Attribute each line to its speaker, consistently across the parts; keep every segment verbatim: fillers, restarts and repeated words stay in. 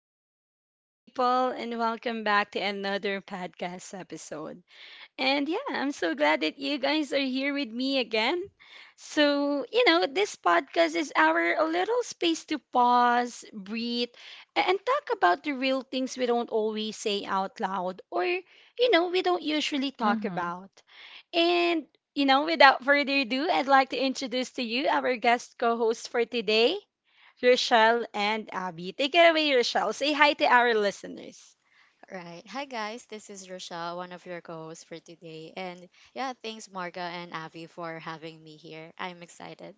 Speaker 1: hello, beautiful people, and welcome back to another podcast episode. And yeah, I'm so glad that you guys are here with me again. So, you know, this podcast is our a little space to pause, breathe, a- and talk about the real things we don't always say out loud or, you know, we don't usually talk
Speaker 2: Mm-hmm.
Speaker 1: about. And, you know, without further ado, I'd like to introduce to you our guest co host for today, Rochelle and Abby. Take it away, Rochelle. Say hi to our listeners.
Speaker 3: Right. Hi, guys. This is Rochelle, one of your co hosts for today. And yeah, thanks, Marga and Avi, for having me here. I'm excited.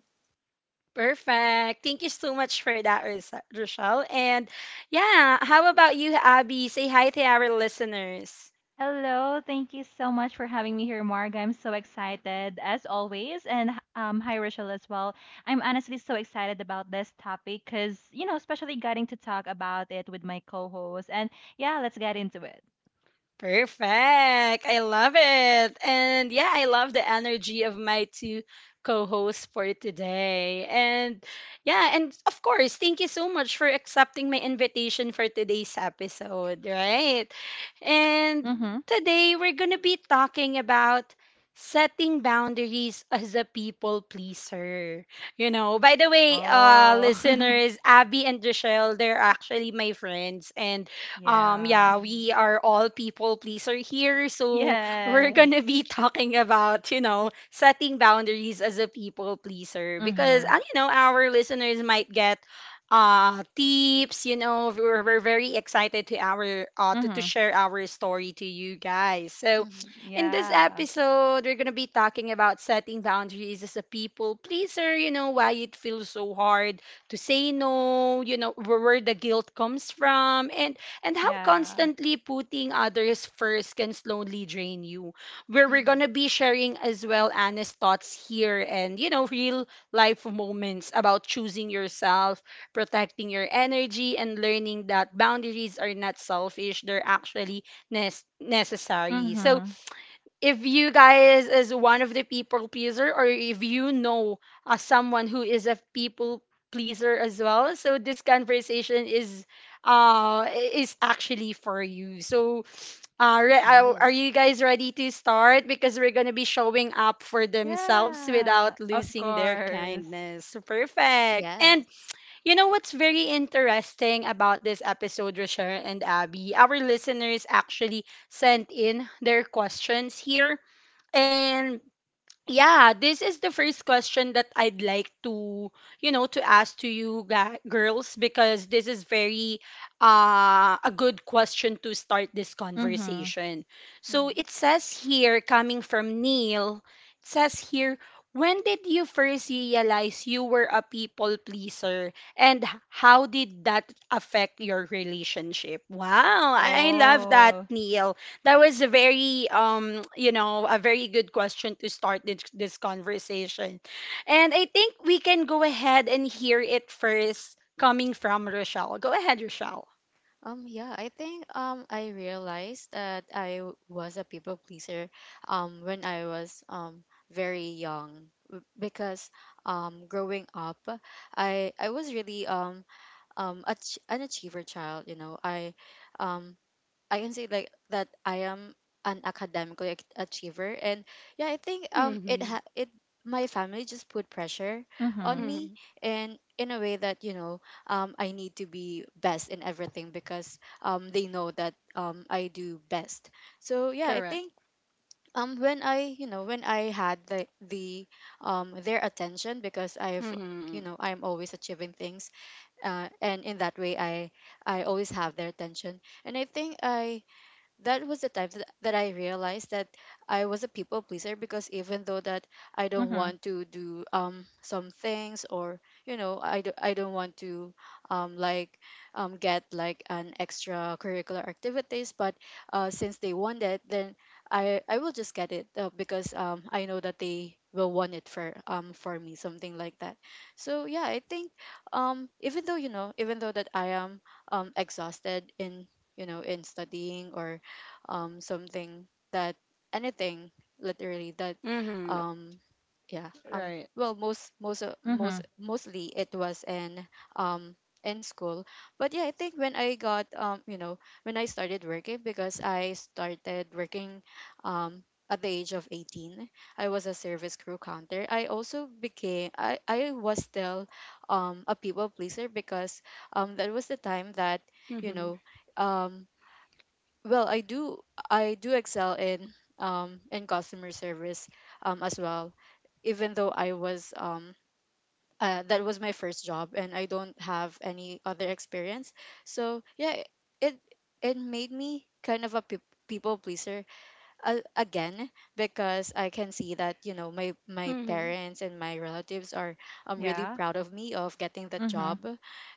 Speaker 1: Perfect. Thank you so much for that, Ros- Rochelle. And yeah, how about you, Abby? Say hi to our listeners.
Speaker 2: Hello, thank you so much for having me here, Marga. I'm so excited as always, and um, hi Rachel as well. I'm honestly so excited about this topic because you know, especially getting to talk about it with my co-host. And yeah, let's get into it.
Speaker 1: Perfect. I love it. And yeah, I love the energy of my two co-hosts for today. And yeah, and of course, thank you so much for accepting my invitation for today's episode, right? And
Speaker 2: Mm-hmm.
Speaker 1: today we're going to be talking about setting boundaries as a people pleaser. You know, by the way, uh
Speaker 2: Oh,
Speaker 1: listeners, Abby and Rochelle, they're actually my friends, and um,
Speaker 2: yeah,
Speaker 1: yeah,
Speaker 3: hmm
Speaker 1: we are all people pleaser here, so we're
Speaker 2: yes,
Speaker 1: gonna be talking about, you know, setting boundaries as a people pleaser because,
Speaker 2: Mm-hmm.
Speaker 1: uh, you know, our listeners might get uh tips. You know, we're, we're very excited to our uh to, to
Speaker 2: Mm-hmm.
Speaker 1: share our story to you guys. So in this
Speaker 2: yeah,
Speaker 1: episode we're gonna be talking about setting boundaries as a people pleaser, you know, why it feels so hard to say no, you know, where, where the guilt comes from, and and how
Speaker 2: yeah,
Speaker 1: constantly putting others first can slowly drain you. Where we're gonna
Speaker 3: hmm
Speaker 1: be sharing as well honest thoughts here, and, you know, real life moments about choosing yourself, protecting your energy, and learning that boundaries are not selfish; they're actually nes- necessary. So
Speaker 2: Mm-hmm.
Speaker 1: if you guys is one of the people pleaser or if you know uh, someone who is a people pleaser as well, so this conversation is uh is actually for you. So uh, re- uh, are you guys ready to start, because we're going to be showing up for themselves
Speaker 2: Yeah.
Speaker 1: without
Speaker 2: Of
Speaker 1: losing their
Speaker 2: course.
Speaker 1: kindness. Perfect. And
Speaker 3: Yes.
Speaker 1: you know what's very interesting about this episode, Rochelle and Abby, our listeners actually sent in their questions here. And yeah, this is the first question that I'd like to, you know, to ask to you ga- girls, because this is very uh, a good question to start this
Speaker 2: Mm-hmm.
Speaker 1: conversation. So
Speaker 3: hmm
Speaker 1: it says here, coming from Neil, it says here, when did you first realize you were a people pleaser, and h- how did that affect your relationship? Wow, I I love that,
Speaker 2: Oh,
Speaker 1: Neil. That was a very um you know a very good question to start this, this conversation. And I think we can go ahead and hear it first coming from Rochelle. Go ahead, Rochelle.
Speaker 3: Um, yeah, I think um, I realized that I w- was a people pleaser um, when I was um, very young w- because um, growing up, I, I was really um, um, a, ch- an achiever child. You know, I um, I can say like that I am an academically ac- achiever. And yeah I think um it
Speaker 1: Mhm.
Speaker 3: ha- it, my family just put pressure
Speaker 2: Mm-hmm.
Speaker 3: on me,
Speaker 1: Mhm.
Speaker 3: and in a way that, you know, um I need to be best in everything because um they know that um I do best. So yeah I
Speaker 1: Correct.
Speaker 3: think um when I you know when I had the the um their attention, because I've you
Speaker 1: Mhm.
Speaker 3: know I'm always achieving things, uh, and in that way I I always have their attention. And I think I that was the time that, that I realized that I was a people pleaser, because even though that I don't
Speaker 2: Mhm.
Speaker 3: want to do um some things, or you know, I, do, I don't want to um like um get like an extracurricular activities, but uh since they want it, then I I will just get it uh, because um I know that they will want it for um for me, something like that. So yeah I think um even though, you know even though that I am um exhausted in, you know, in studying or um something that anything literally. That
Speaker 1: Mhm.
Speaker 3: um yeah. um
Speaker 1: Right.
Speaker 3: well most most uh, most
Speaker 2: Mhm.
Speaker 3: mostly it was in um in school. But yeah, I think when I got um you know when I started working, because I started working um at the age of eighteen, I was a service crew counter. I also became, i i was still um a people pleaser, because um that was the time that, you
Speaker 1: Mhm.
Speaker 3: know, um well, I do, I do excel in um in customer service um as well. Even though I was um uh, that was my first job and I don't have any other experience. So yeah, it it made me kind of a peop people pleaser uh, again, because I can see that, you know, my my
Speaker 1: Mhm.
Speaker 3: parents and my relatives are um really
Speaker 2: Yeah?
Speaker 3: proud of me of getting that
Speaker 2: Mhm.
Speaker 3: job.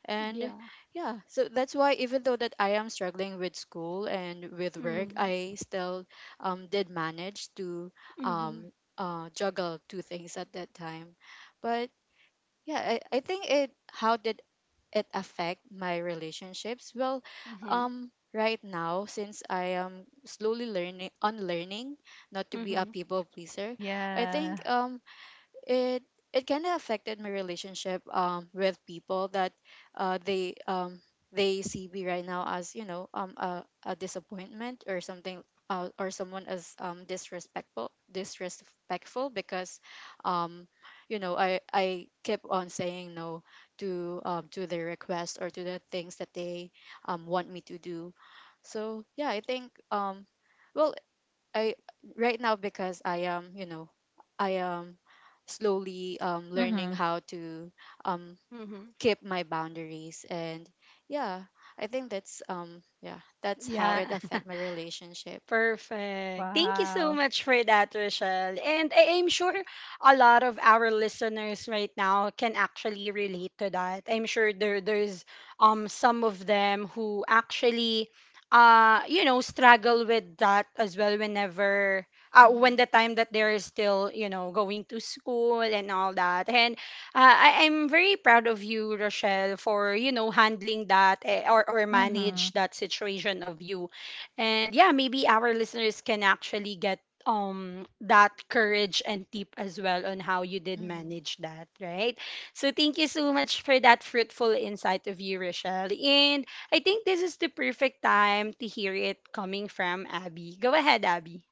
Speaker 3: And
Speaker 1: Yeah.
Speaker 3: yeah, so that's why, even though that I am struggling with school and with work,
Speaker 1: Mhm.
Speaker 3: I still um did manage to
Speaker 1: Mhm.
Speaker 3: um uh juggle two things at that time. But yeah, I, I think it, how did it affect my relationships? Well,
Speaker 1: Mhm.
Speaker 3: um, right now, since I am slowly learning unlearning not to be a
Speaker 1: Mhm.
Speaker 3: people pleaser, I
Speaker 2: Yeah.
Speaker 3: think um it, it kind of affected my relationship um with people, that uh they um they see me right now as, you know, um a, a disappointment or something, uh, or someone as um disrespectful disrespectful, because um you know, I I keep on saying no to, um to their requests, or to the things that they um want me to do. So yeah, I think um well I right now, because I am, you know, I am slowly um, learning
Speaker 2: Mhm.
Speaker 3: how to um,
Speaker 1: Mhm.
Speaker 3: keep my boundaries. And yeah, I think that's um, yeah, that's how
Speaker 1: Yeah.
Speaker 3: it affect my relationship.
Speaker 1: Perfect. Thank you so
Speaker 2: Wow.
Speaker 1: much for that, Rochelle. And I am sure a lot of our listeners right now can actually relate to that. I'm sure there there's um some of them who actually, uh you know, struggle with that as well, whenever, uh, when the
Speaker 3: Mhm,
Speaker 1: time that they're still, you know, going to school and all that. And uh, I, i'm very proud of you, Rochelle, for, you know, handling that, eh, or, or manage
Speaker 2: Mhm.
Speaker 1: that situation of you. And yeah, maybe our listeners can actually get um that courage and tip as well on how you did
Speaker 3: mhm,
Speaker 1: manage that, right? So thank you so much for that fruitful insight of you, Rochelle. And I think this is the perfect time to hear it coming from Abby. Go ahead, Abby.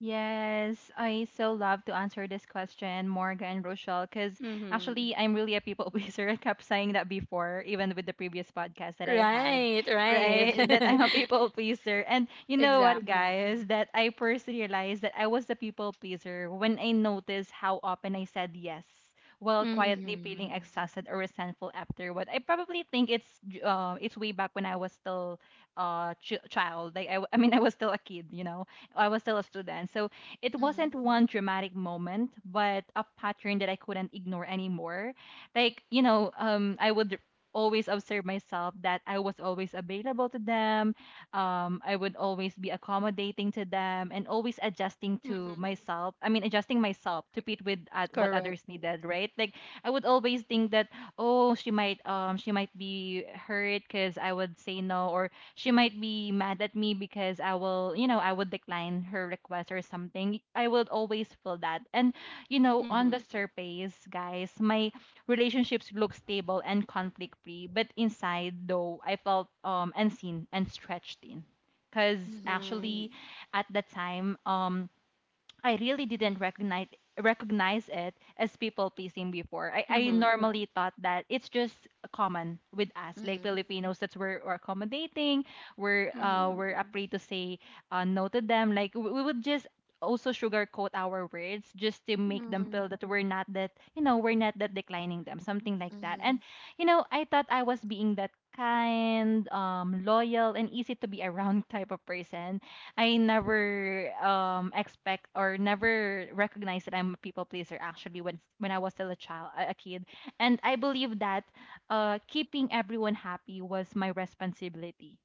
Speaker 2: Yes, I so love to answer this question, Morga and Rochelle, because
Speaker 1: Mm-hmm.
Speaker 2: actually I'm really a people pleaser. I kept saying that before, even with the previous podcast that I had,
Speaker 1: Right,
Speaker 2: right?
Speaker 1: right.
Speaker 2: Really? That yes, I'm a people pleaser. And you know what,
Speaker 1: Exactly.
Speaker 2: guys? That I first realized that I was a people pleaser when I noticed how often I said yes while quietly
Speaker 1: Mm-hmm.
Speaker 2: feeling exhausted or resentful afterward. I probably think it's uh, it's way back when I was still uh ch- child. Like I, w- I mean, I was still a kid, you know, I was still a student. So it wasn't
Speaker 3: mhm,
Speaker 2: one dramatic moment, but a pattern that I couldn't ignore anymore. Like, you know, um, I would always observe myself that I was always available to them. Um, I would always be accommodating to them and always adjusting to
Speaker 1: Mm-hmm.
Speaker 2: myself. I mean, adjusting myself to fit with uh, what
Speaker 1: Correct.
Speaker 2: others needed, right? Like, I would always think that, oh, she might, um, she might be hurt because I would say no, or she might be mad at me because I will, you know, I would decline her request or something. I would always feel that. And, you know, on
Speaker 1: Mm-hmm.
Speaker 2: the surface, guys, my relationships look stable and conflict free. But inside, though, I felt um, unseen and stretched in. Because
Speaker 3: mhm,
Speaker 1: Mm-hmm.
Speaker 2: actually, at the time, um, I really didn't recognize recognize it as people pleasing before. I, I normally thought that it's just common with us, like
Speaker 3: mhm,
Speaker 2: Filipinos, that we're, we're accommodating, we're
Speaker 1: Mm-hmm.
Speaker 2: uh, we're afraid to say uh, no to them. Like we, we would just also sugarcoat our words just to make them
Speaker 1: Mm-hmm.
Speaker 2: feel that we're not that, you know, we're not that declining them, something like that.
Speaker 3: mhm,
Speaker 2: And you know, I thought I was being that kind, um, loyal, and easy to be around type of person. I never um expect or never recognize that I'm a people pleaser actually when when I was still a child, a a kid. And I believe that uh keeping everyone happy was my responsibility.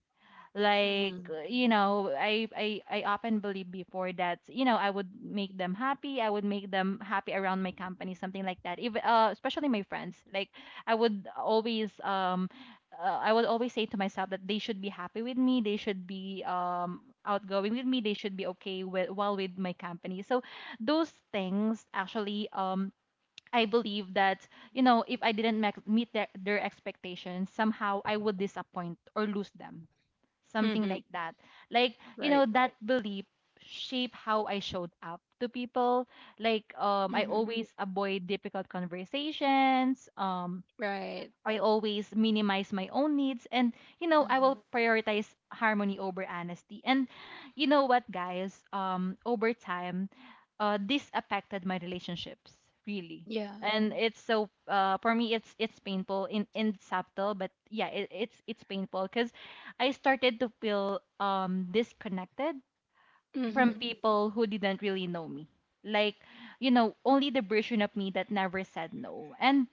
Speaker 2: Like uh, you know, I, I i often believe before that you know I would make them happy, I would make them happy around my company, something like that. If uh, especially my friends, like I would always um uh, I would always say to myself that they should be happy with me, they should be um outgoing with me, they should be okay with while with my company. So those things actually, um I believe that you know if I didn't mek- meet their, their expectations somehow, I would disappoint or lose them, something
Speaker 1: Mm-hmm.
Speaker 2: like that. Like, you
Speaker 1: Right.
Speaker 2: know, that belief shaped how I showed up to people. Like, um, I
Speaker 1: Mm-hmm.
Speaker 2: always avoid difficult conversations. Um,
Speaker 1: Right.
Speaker 2: I always minimize my own needs and you know I
Speaker 3: mhm,
Speaker 2: will prioritize harmony over honesty. And you know what guys, um over time uh this affected my relationships really.
Speaker 1: Yeah.
Speaker 2: And it's so uh for me it's it's painful in in subtle, but yeah it, it's it's painful, cuz I started to feel um disconnected from
Speaker 1: Mm-hmm.
Speaker 3: mhm.
Speaker 2: people who didn't really know me. Like, you know, only the version of me that never said no. And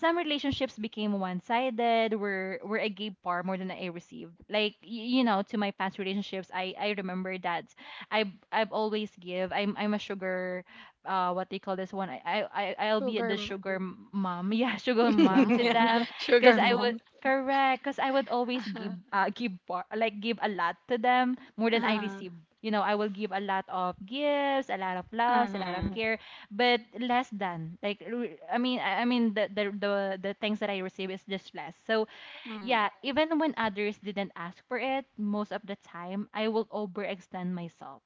Speaker 2: some relationships became one-sided, where where I gave far more than I received. Like, y- you know, to my past relationships, I I remember that I I've I've always give. I'm I'm a sugar, uh, what they call this one. I I I- I'll be
Speaker 1: Sugar
Speaker 2: the
Speaker 1: mom.
Speaker 2: sugar mom. Yeah, sugar mom to
Speaker 1: Yeah.
Speaker 3: Wow.
Speaker 2: them, because
Speaker 1: Sugar
Speaker 2: I was.
Speaker 1: mom.
Speaker 2: Correct, because I would always give
Speaker 1: Uh-huh.
Speaker 2: uh, give bar, like give a lot to them more than I
Speaker 1: Uh-huh.
Speaker 2: receive. You know, I will give a lot of gifts, a lot of loves, a lot of
Speaker 1: Uh-huh.
Speaker 2: care, but less than like re- I mean I I mean the the the, the things that I receive is just less. So
Speaker 1: Mm.
Speaker 2: yeah, even when others didn't ask for it, most of the time I will overextend myself.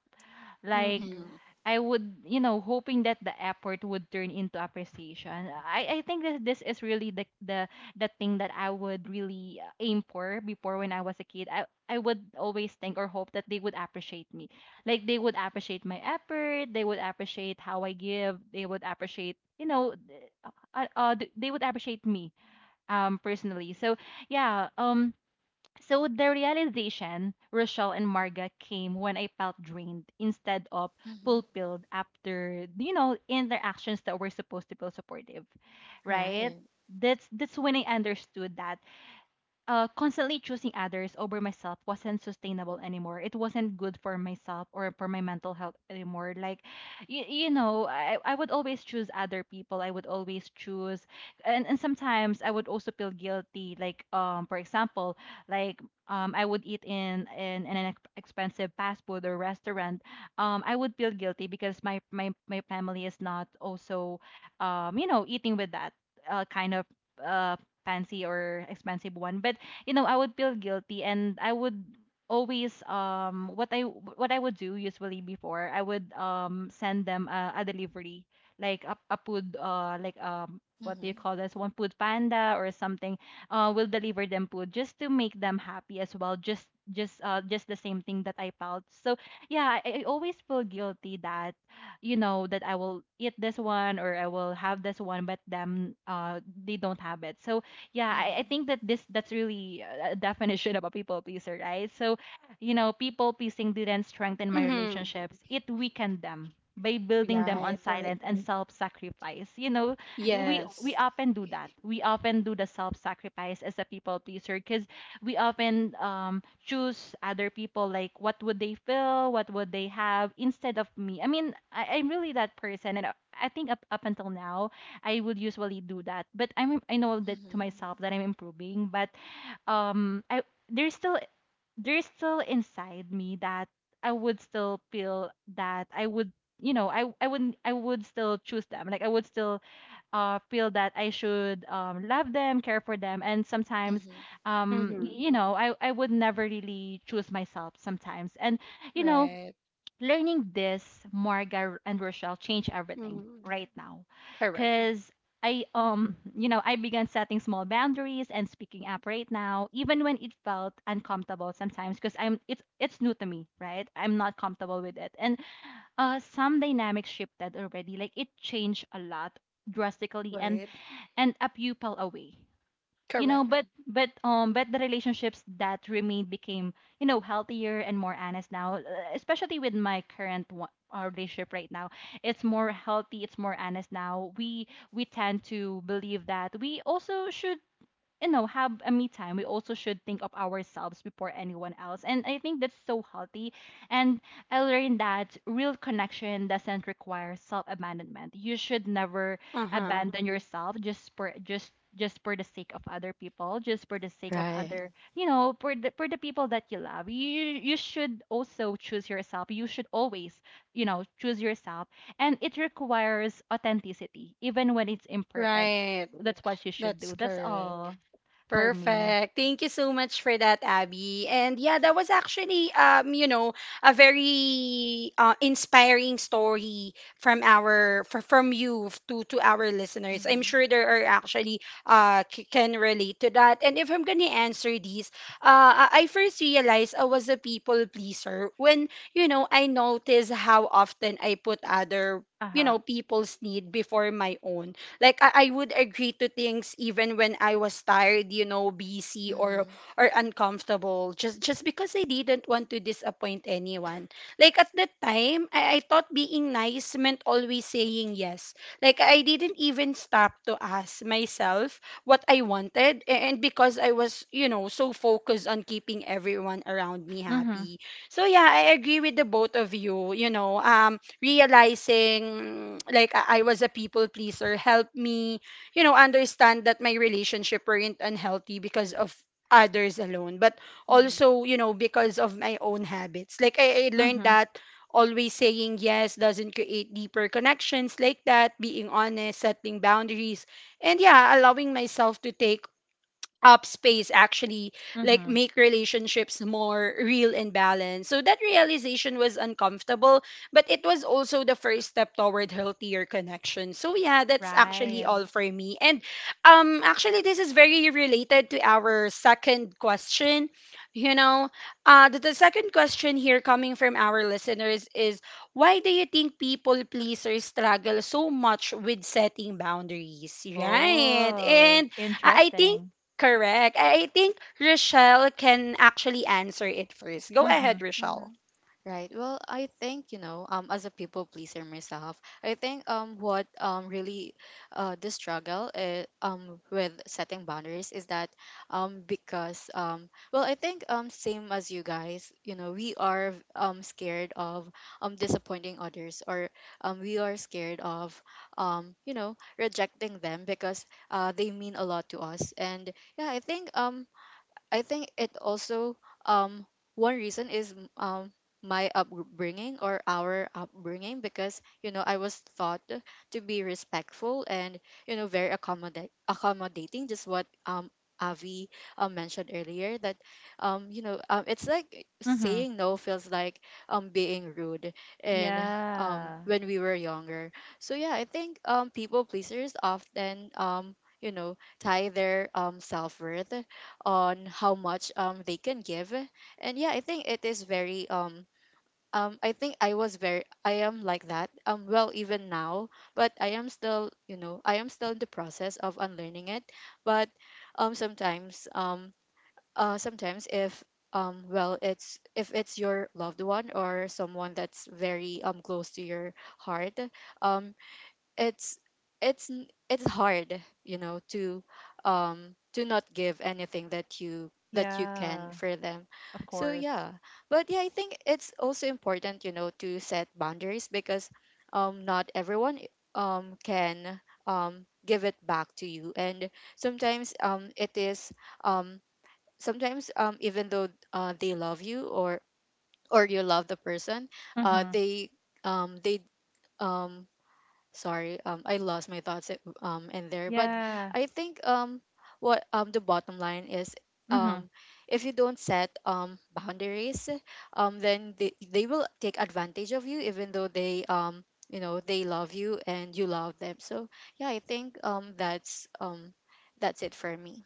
Speaker 2: Like
Speaker 1: Mm-hmm.
Speaker 3: Mhm,
Speaker 2: I would, you know, hoping that the effort would turn into appreciation. I, I think that this is really the the the thing that I would really uh, aim for before when I was a kid. I I would always think or hope that they would appreciate me. Like they would appreciate my effort, they would appreciate how I give, they would appreciate, you know, th- uh, uh, they would appreciate me um personally. So, yeah, um so the realization, Rochelle and Marga, came when I felt drained instead of
Speaker 3: mhm.
Speaker 2: fulfilled after, you know, interactions that were supposed to feel supportive, right?
Speaker 3: Right.
Speaker 2: That's that's when I understood that uh, constantly choosing others over myself wasn't sustainable anymore. It wasn't good for myself or for my mental health anymore. Like, you, you know, I, I would always choose other people. I would always choose, and, and sometimes I would also feel guilty. Like, um, for example, like, um, I would eat in, in in an ex- expensive fast food or restaurant. Um, I would feel guilty because my my my family is not also, um, you know, eating with that uh, kind of uh fancy or expensive one. But you know, I would feel guilty and I would always um what I what I would do usually before, I would um send them a, a delivery, like a, a food uh like um what do you
Speaker 3: Mhm,
Speaker 2: call this one, food panda or something, uh will deliver them food just to make them happy as well, just just uh just the same thing that I felt. So yeah, I, I always feel guilty that you know that I will eat this one or I will have this one but them uh they don't have it. So yeah, I, I
Speaker 3: mhm,
Speaker 2: think that this that's really a definition of a people pleaser, right? So you know people pleasing didn't strengthen my
Speaker 1: Mm-hmm.
Speaker 2: relationships, it weakened them by building them
Speaker 1: Right.
Speaker 2: on
Speaker 1: Right.
Speaker 2: silence and self-sacrifice. You know we
Speaker 3: mhm,
Speaker 1: Yes.
Speaker 2: we often do that, we often do the self-sacrifice as a people pleaser because we often um, choose other people, like what would they feel, what would they have instead of me. I mean I, I'm really that person and i I think up, up until now I would usually do that. But I'm I know that to
Speaker 3: mhm,
Speaker 2: myself that I'm improving, but um I there's still there's still inside me that I would still feel that I would you know I I wouldn't, I would still choose them. Like I would still uh feel that I should um love them, care for them, and sometimes
Speaker 3: mhm.
Speaker 2: um
Speaker 1: Mm-hmm.
Speaker 2: you know I I would never really choose myself sometimes. And you know
Speaker 1: Right.
Speaker 2: learning this, Marga and Rochelle, changed everything
Speaker 1: Mm-hmm.
Speaker 2: right now.
Speaker 1: Correct.
Speaker 2: Cause I um you know I began setting small boundaries and speaking up right now, even when it felt uncomfortable sometimes. Cause I'm it's it's new to me, right? I'm not comfortable with it, and uh some dynamics shifted already. Like it changed a lot drastically, and
Speaker 1: Right.
Speaker 2: and a pupil away you know,
Speaker 1: Correct.
Speaker 2: but but um but the relationships that remained became you know healthier and more honest now, uh, especially with my current one, our relationship right now, it's more healthy, it's more honest now. We we tend to believe that we also should you know have a me time, we also should think of ourselves before anyone else, and I think that's so healthy. And I learned that real connection doesn't require self-abandonment. You should never
Speaker 1: Uh-huh.
Speaker 2: abandon yourself, just for just just for the sake of other people, just for the sake of
Speaker 3: Right.
Speaker 2: other, you know, for the for the people that you love. you you should also choose yourself, you should always you know choose yourself, and it requires authenticity even when it's imperfect.
Speaker 1: Right.
Speaker 2: That's what you should do.
Speaker 1: That's
Speaker 2: That's
Speaker 1: correct.
Speaker 2: all for me.
Speaker 1: Perfect. Thank you so much for that, Abby. And yeah, that was actually, um, you know, a very, uh, inspiring story from our fr- from you to to our listeners. I'm
Speaker 3: Mhm,
Speaker 1: sure there are actually uh c- can relate to that. And if I'm gonna answer these, uh, I I first realized I was a people pleaser when, you know, I noticed how often I put other, you
Speaker 2: Uh-huh.
Speaker 1: know, people's need before my own, like I, I would agree to things even when I was tired, you know, busy or
Speaker 3: mhm,
Speaker 1: or uncomfortable, just just because I didn't want to disappoint anyone. Like at that time, I, I thought being nice meant always saying yes. Like I didn't even stop to ask myself what I wanted, a- and because I was, you know, so focused on keeping everyone around me
Speaker 2: Mhm.
Speaker 1: happy. So yeah, I agree with the both of you. You know, um, realizing like I I was a people pleaser helped me, you know, understand that my relationship weren't unhealthy because of others alone, but
Speaker 3: mhm,
Speaker 1: also, you know, because of my own habits. Like I, I learned
Speaker 2: Mhm.
Speaker 1: that always saying yes doesn't create deeper connections, like that being honest, setting boundaries, and yeah, allowing myself to take up space actually like
Speaker 2: Mhm.
Speaker 1: make relationships more real and balanced. So that realization was uncomfortable, but it was also the first step toward healthier connection. So yeah, that's actually
Speaker 2: Right.
Speaker 1: all
Speaker 3: mhm.
Speaker 1: for me. And um actually this is very related to our second question. You know, uh the, the second question here coming from our listeners is, why do you think people pleasers struggle so much with setting boundaries, right?
Speaker 2: Oh,
Speaker 1: And I I think.
Speaker 2: interesting.
Speaker 1: Correct. I I think Rochelle can actually answer it first. Go ahead,
Speaker 2: Mhm.
Speaker 1: Rochelle.
Speaker 3: Mm-hmm. Right. Well, I think, you know, um, as a people pleaser myself, I think um what um really uh the struggle uh, um with setting boundaries is that, um because um well I think um same as you guys, you know, we are um scared of um disappointing others, or um we are scared of um you know, rejecting them, because uh they mean a lot to us. And yeah, I think um I think it also, um one reason is, m- um my upbringing, or our upbringing, because, you know, I was taught to be respectful and, you know, very accommodate accommodating, just what um Avi uh, mentioned earlier, that um you know um it's like
Speaker 2: Mhm.
Speaker 3: saying no feels like um being rude and um
Speaker 2: Yeah.
Speaker 3: when we were younger. So yeah, I think um people pleasers often, um you know, tie their um self worth on how much um they can give. And yeah, I think it is very um um I think I was very I am like that, um well, even now. But I am still, you know, I am still in the process of unlearning it. But um sometimes um uh sometimes, if um well it's, if it's your loved one or someone that's very um close to your heart, um it's it's, n- it's hard, you know, to um to not give anything that you that you can,
Speaker 2: Yeah.
Speaker 3: for them.
Speaker 2: Of
Speaker 3: So
Speaker 2: course.
Speaker 3: yeah. But yeah, I think it's also important, you know, to set boundaries, because um not everyone um can um give it back to you. And sometimes um it is um sometimes um even though uh, they love you, or or you love the person, uh
Speaker 2: Mhm.
Speaker 3: they um they um sorry, um I lost my thoughts at- um in there. But
Speaker 2: Yeah.
Speaker 3: I think um what um the bottom line is,
Speaker 2: Mhm.
Speaker 3: um if you don't set um boundaries, um then they, they will take advantage of you, even though they, um you know, they love you and you love them. So yeah, I think um that's um that's it for me.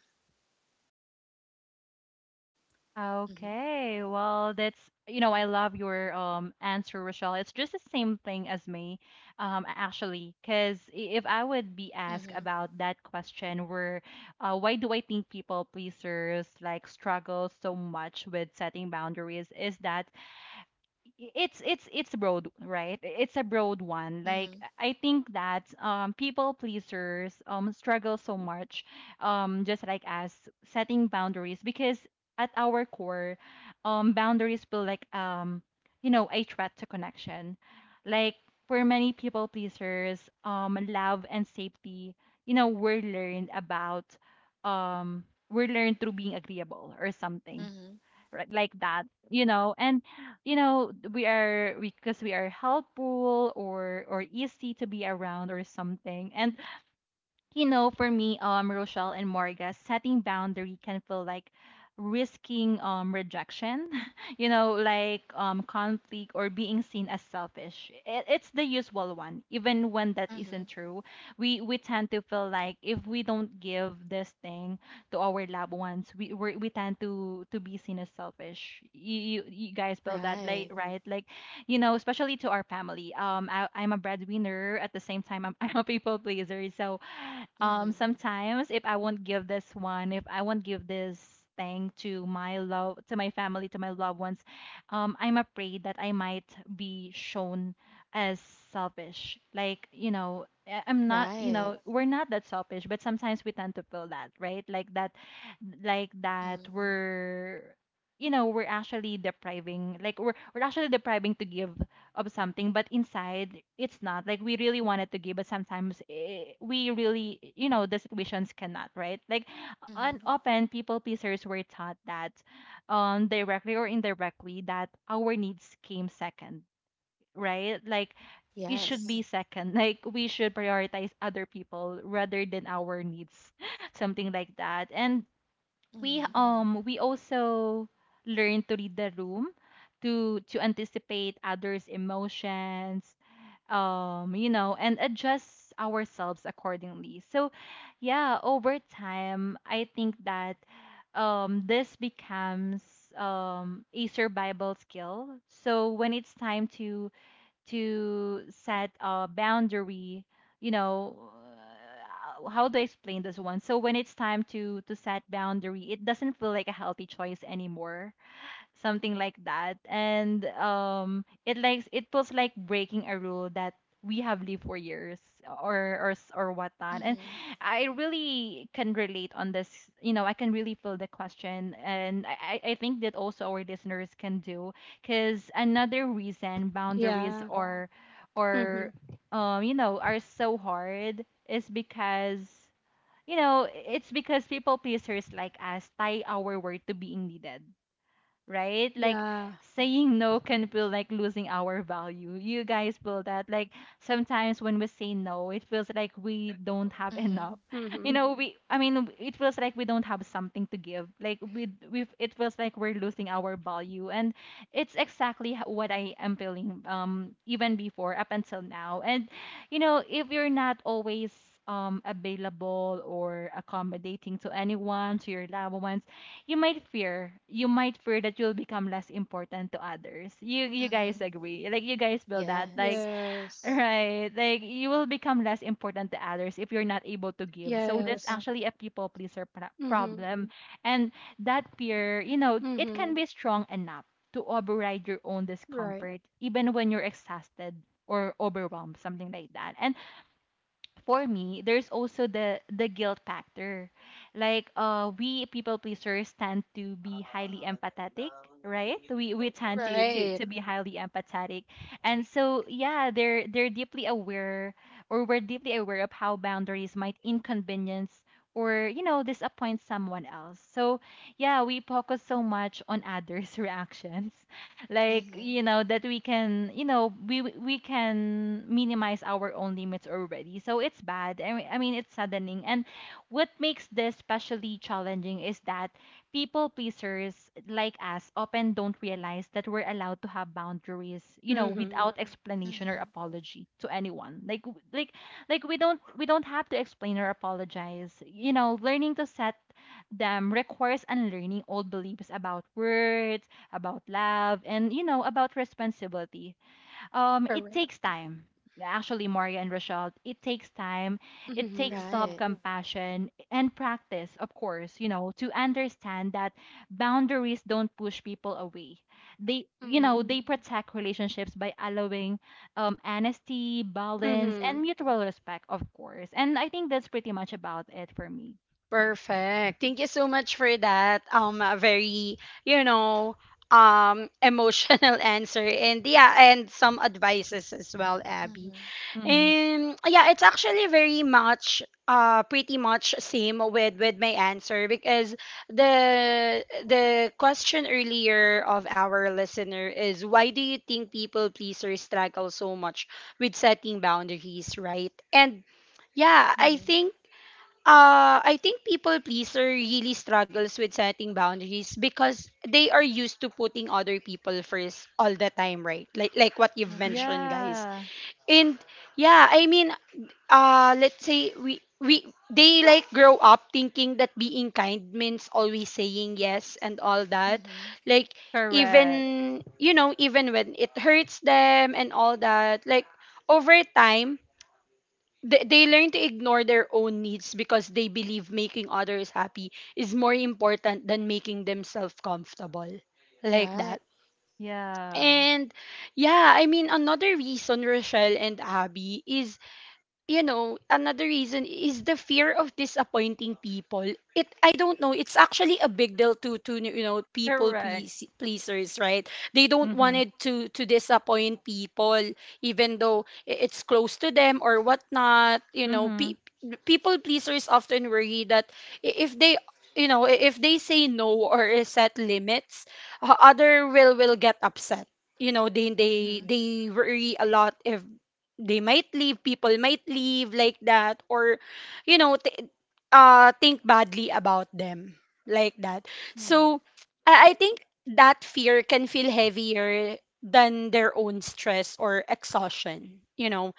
Speaker 2: Okay. Well, that's, you know, I love your um answer, Rochelle. It's just the same thing as me, um, actually, because if I would be asked
Speaker 3: mhm
Speaker 2: about that question, where, uh, why do I think people pleasers like struggle so much with setting boundaries? Is that it's it's it's broad, right? It's a broad one. Like,
Speaker 3: mhm
Speaker 2: I think that um people pleasers um struggle so much, um just like us, setting boundaries because at our core, um boundaries feel like, um you know, a threat to connection. Like, for many people pleasers, um love and safety, you know, were learned about, um we learned through being agreeable or something,
Speaker 3: mhm
Speaker 2: right? Like that, you know. And you know, we are because we are helpful, or or easy to be around or something. And you know, for me, um, Rochelle and Morga, setting boundary can feel like risking um rejection, you know, like um conflict or being seen as selfish. It, it's the usual one, even when that isn't
Speaker 3: mhm
Speaker 2: true. We we tend to feel like if we don't give this thing to our loved ones, we we we tend to to be seen as selfish. You you, you guys feel that, like,
Speaker 3: right.
Speaker 2: right? Like, you know, especially to our family. Um, I, I'm a breadwinner. At the same time, I'm, I'm a people pleaser. So um
Speaker 3: mhm
Speaker 2: sometimes, if I won't give this one, if I won't give this thing to my love, to my family, to my loved ones, um I'm afraid that I might be shown as selfish. Like, you know, I- I'm not, you
Speaker 3: right.
Speaker 2: know, we're not that selfish, but sometimes we tend to feel that, right? Like that, like that
Speaker 3: mhm
Speaker 2: we're, you know, we're actually depriving. Like, we're we're actually depriving to give of something, but inside it's not like we really wanted to give. But sometimes, eh, we really, you know, the situations cannot, right? Like, on
Speaker 3: mhm
Speaker 2: often people pleasers were taught that, um directly or indirectly, that our needs came second, right? Like, it should be
Speaker 3: yes
Speaker 2: second. Like, we should prioritize other people rather than our needs. Something like that. And we
Speaker 3: mhm
Speaker 2: um we also learn to read the room, to to anticipate others' emotions, um you know, and adjust ourselves accordingly. So yeah, over time, I think that um this becomes um a survival skill. So when it's time to to set a boundary, you know, uh, how do I explain this one? So when it's time to to set boundary, it doesn't feel like a healthy choice anymore. Something like that. And um it likes it feels like breaking a rule that we have lived for years, or or s- or whatnot. And
Speaker 3: mhm
Speaker 2: I really can relate on this, you know. I can really feel the question, and i i I think that also our listeners can do. Because another reason boundaries,
Speaker 1: Yeah.
Speaker 2: yeah, or or
Speaker 1: Mm-hmm.
Speaker 2: um you know, are so hard is because, you know, it's because people pleasers like us tie our word to being needed, right? Like,
Speaker 1: Yeah.
Speaker 2: saying no can feel like losing our value. You guys feel that? Like, sometimes when we say no, it feels like we don't have
Speaker 3: mhm
Speaker 2: enough. You
Speaker 1: Mm-hmm.
Speaker 2: know, we I mean, it feels like we don't have something to give. Like, we we it feels like we're losing our value. And it's exactly h- what I am feeling, um even before up until now. And you know, if you're not always um available or accommodating to anyone, to your loved ones, you might fear, you might fear that you'll become less important to others. You you guys
Speaker 3: mhm
Speaker 2: agree? Like, you guys feel that? Like,
Speaker 3: Yes.
Speaker 1: Yes.
Speaker 2: right? Like, you will become less important to others if you're not able to give. So
Speaker 1: Yes.
Speaker 2: that's, yeah, actually a people pleaser pro-
Speaker 1: Mm-hmm.
Speaker 2: problem. And that fear, you know, it
Speaker 1: Mm-hmm.
Speaker 2: can be strong enough to override your own
Speaker 1: Right.
Speaker 2: discomfort, even when you're exhausted or overwhelmed. Something like that. And for me, there's also the the guilt factor. Like, uh we people pleasers tend to be highly empathetic, right? We we tend to
Speaker 3: Mhm.
Speaker 1: Right.
Speaker 2: to to be highly empathetic. And so yeah, they're they're deeply aware, or we're deeply aware of how boundaries might inconvenience or, you know, disappoint someone else. So yeah, we focus so much on others' reactions. Like,
Speaker 3: Mhm.
Speaker 2: you know, that we can, you know, we we can minimize our own limits already. So it's bad. I mean, I mean it's saddening. And what makes this especially challenging is that people pleasers like us often don't realize that we're allowed to have boundaries, you know,
Speaker 1: Mm-hmm.
Speaker 2: without explanation or
Speaker 3: Mhm.
Speaker 2: apology to anyone. Like, w- like like we don't we don't have to explain or apologize. You know, learning to set them requires unlearning old beliefs about words, about love, and, you know, about responsibility. Um, it
Speaker 1: Correct.
Speaker 2: takes time. Actually, Maria and Rochelle, it takes time. It
Speaker 1: Mm-hmm.
Speaker 2: takes
Speaker 3: Right.
Speaker 2: self-compassion and practice, of course, you know, to understand that boundaries don't push people away. They, you know,
Speaker 1: Mm-hmm.
Speaker 2: they protect relationships by allowing, um, honesty, balance, and
Speaker 1: Mm-hmm.
Speaker 2: mutual respect, of course. And I think that's pretty much about it for me.
Speaker 1: Perfect. Thank you so much for that. Um, a very, you know, um, emotional answer, and yeah, and some advices as well, Abby.
Speaker 3: Mhm.
Speaker 2: Mm-hmm.
Speaker 1: Um, yeah, it's actually very much uh pretty much same with with my answer, because the the question earlier of our listener is, why do you think people pleasers struggle so much with setting boundaries, right? And yeah, I
Speaker 3: Mhm.
Speaker 1: think uh I think people pleaser really struggles with setting boundaries because they are used to putting other people first all the time, right? Like like what you've
Speaker 3: Mhm.
Speaker 1: mentioned, guys.
Speaker 2: Yeah.
Speaker 1: And yeah, I mean, uh let's say we we they like grow up thinking that being kind means always saying yes and all that,
Speaker 3: Mhm.
Speaker 1: like
Speaker 2: Correct.
Speaker 1: even, you know even when it hurts them and all that, like over time they, they learn to ignore their own needs because they believe making others happy is more important than making themselves comfortable, like
Speaker 3: Right.
Speaker 1: that.
Speaker 2: Yeah.
Speaker 1: And yeah, I mean another reason, Rochelle and Abby, is you know, another reason is the fear of disappointing people. It, I don't know, it's actually a big deal to, to you know, people
Speaker 2: Correct.
Speaker 1: please, pleasers, right? They don't want
Speaker 2: Mhm.
Speaker 1: it to to disappoint people, even though i- it's close to them or whatnot. You know,
Speaker 2: Mhm.
Speaker 1: pe- people pleasers often worry that, i- if they, you know, i- if they say no or set limits, o- other will will get upset. You know, they they
Speaker 3: Mhm.
Speaker 1: they worry a lot if they might leave, people might leave like that, or, you know, th- uh, think badly about them, like that.
Speaker 3: Mhm.
Speaker 1: So I-, I think that fear can feel heavier than their own stress or exhaustion. You know,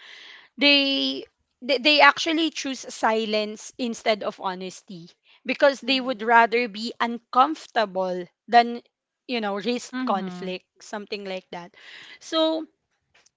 Speaker 1: they they, they actually choose silence instead of honesty because they would
Speaker 3: Mhm.
Speaker 1: rather be uncomfortable than you know risk
Speaker 2: Mhm.
Speaker 1: conflict, something like that. So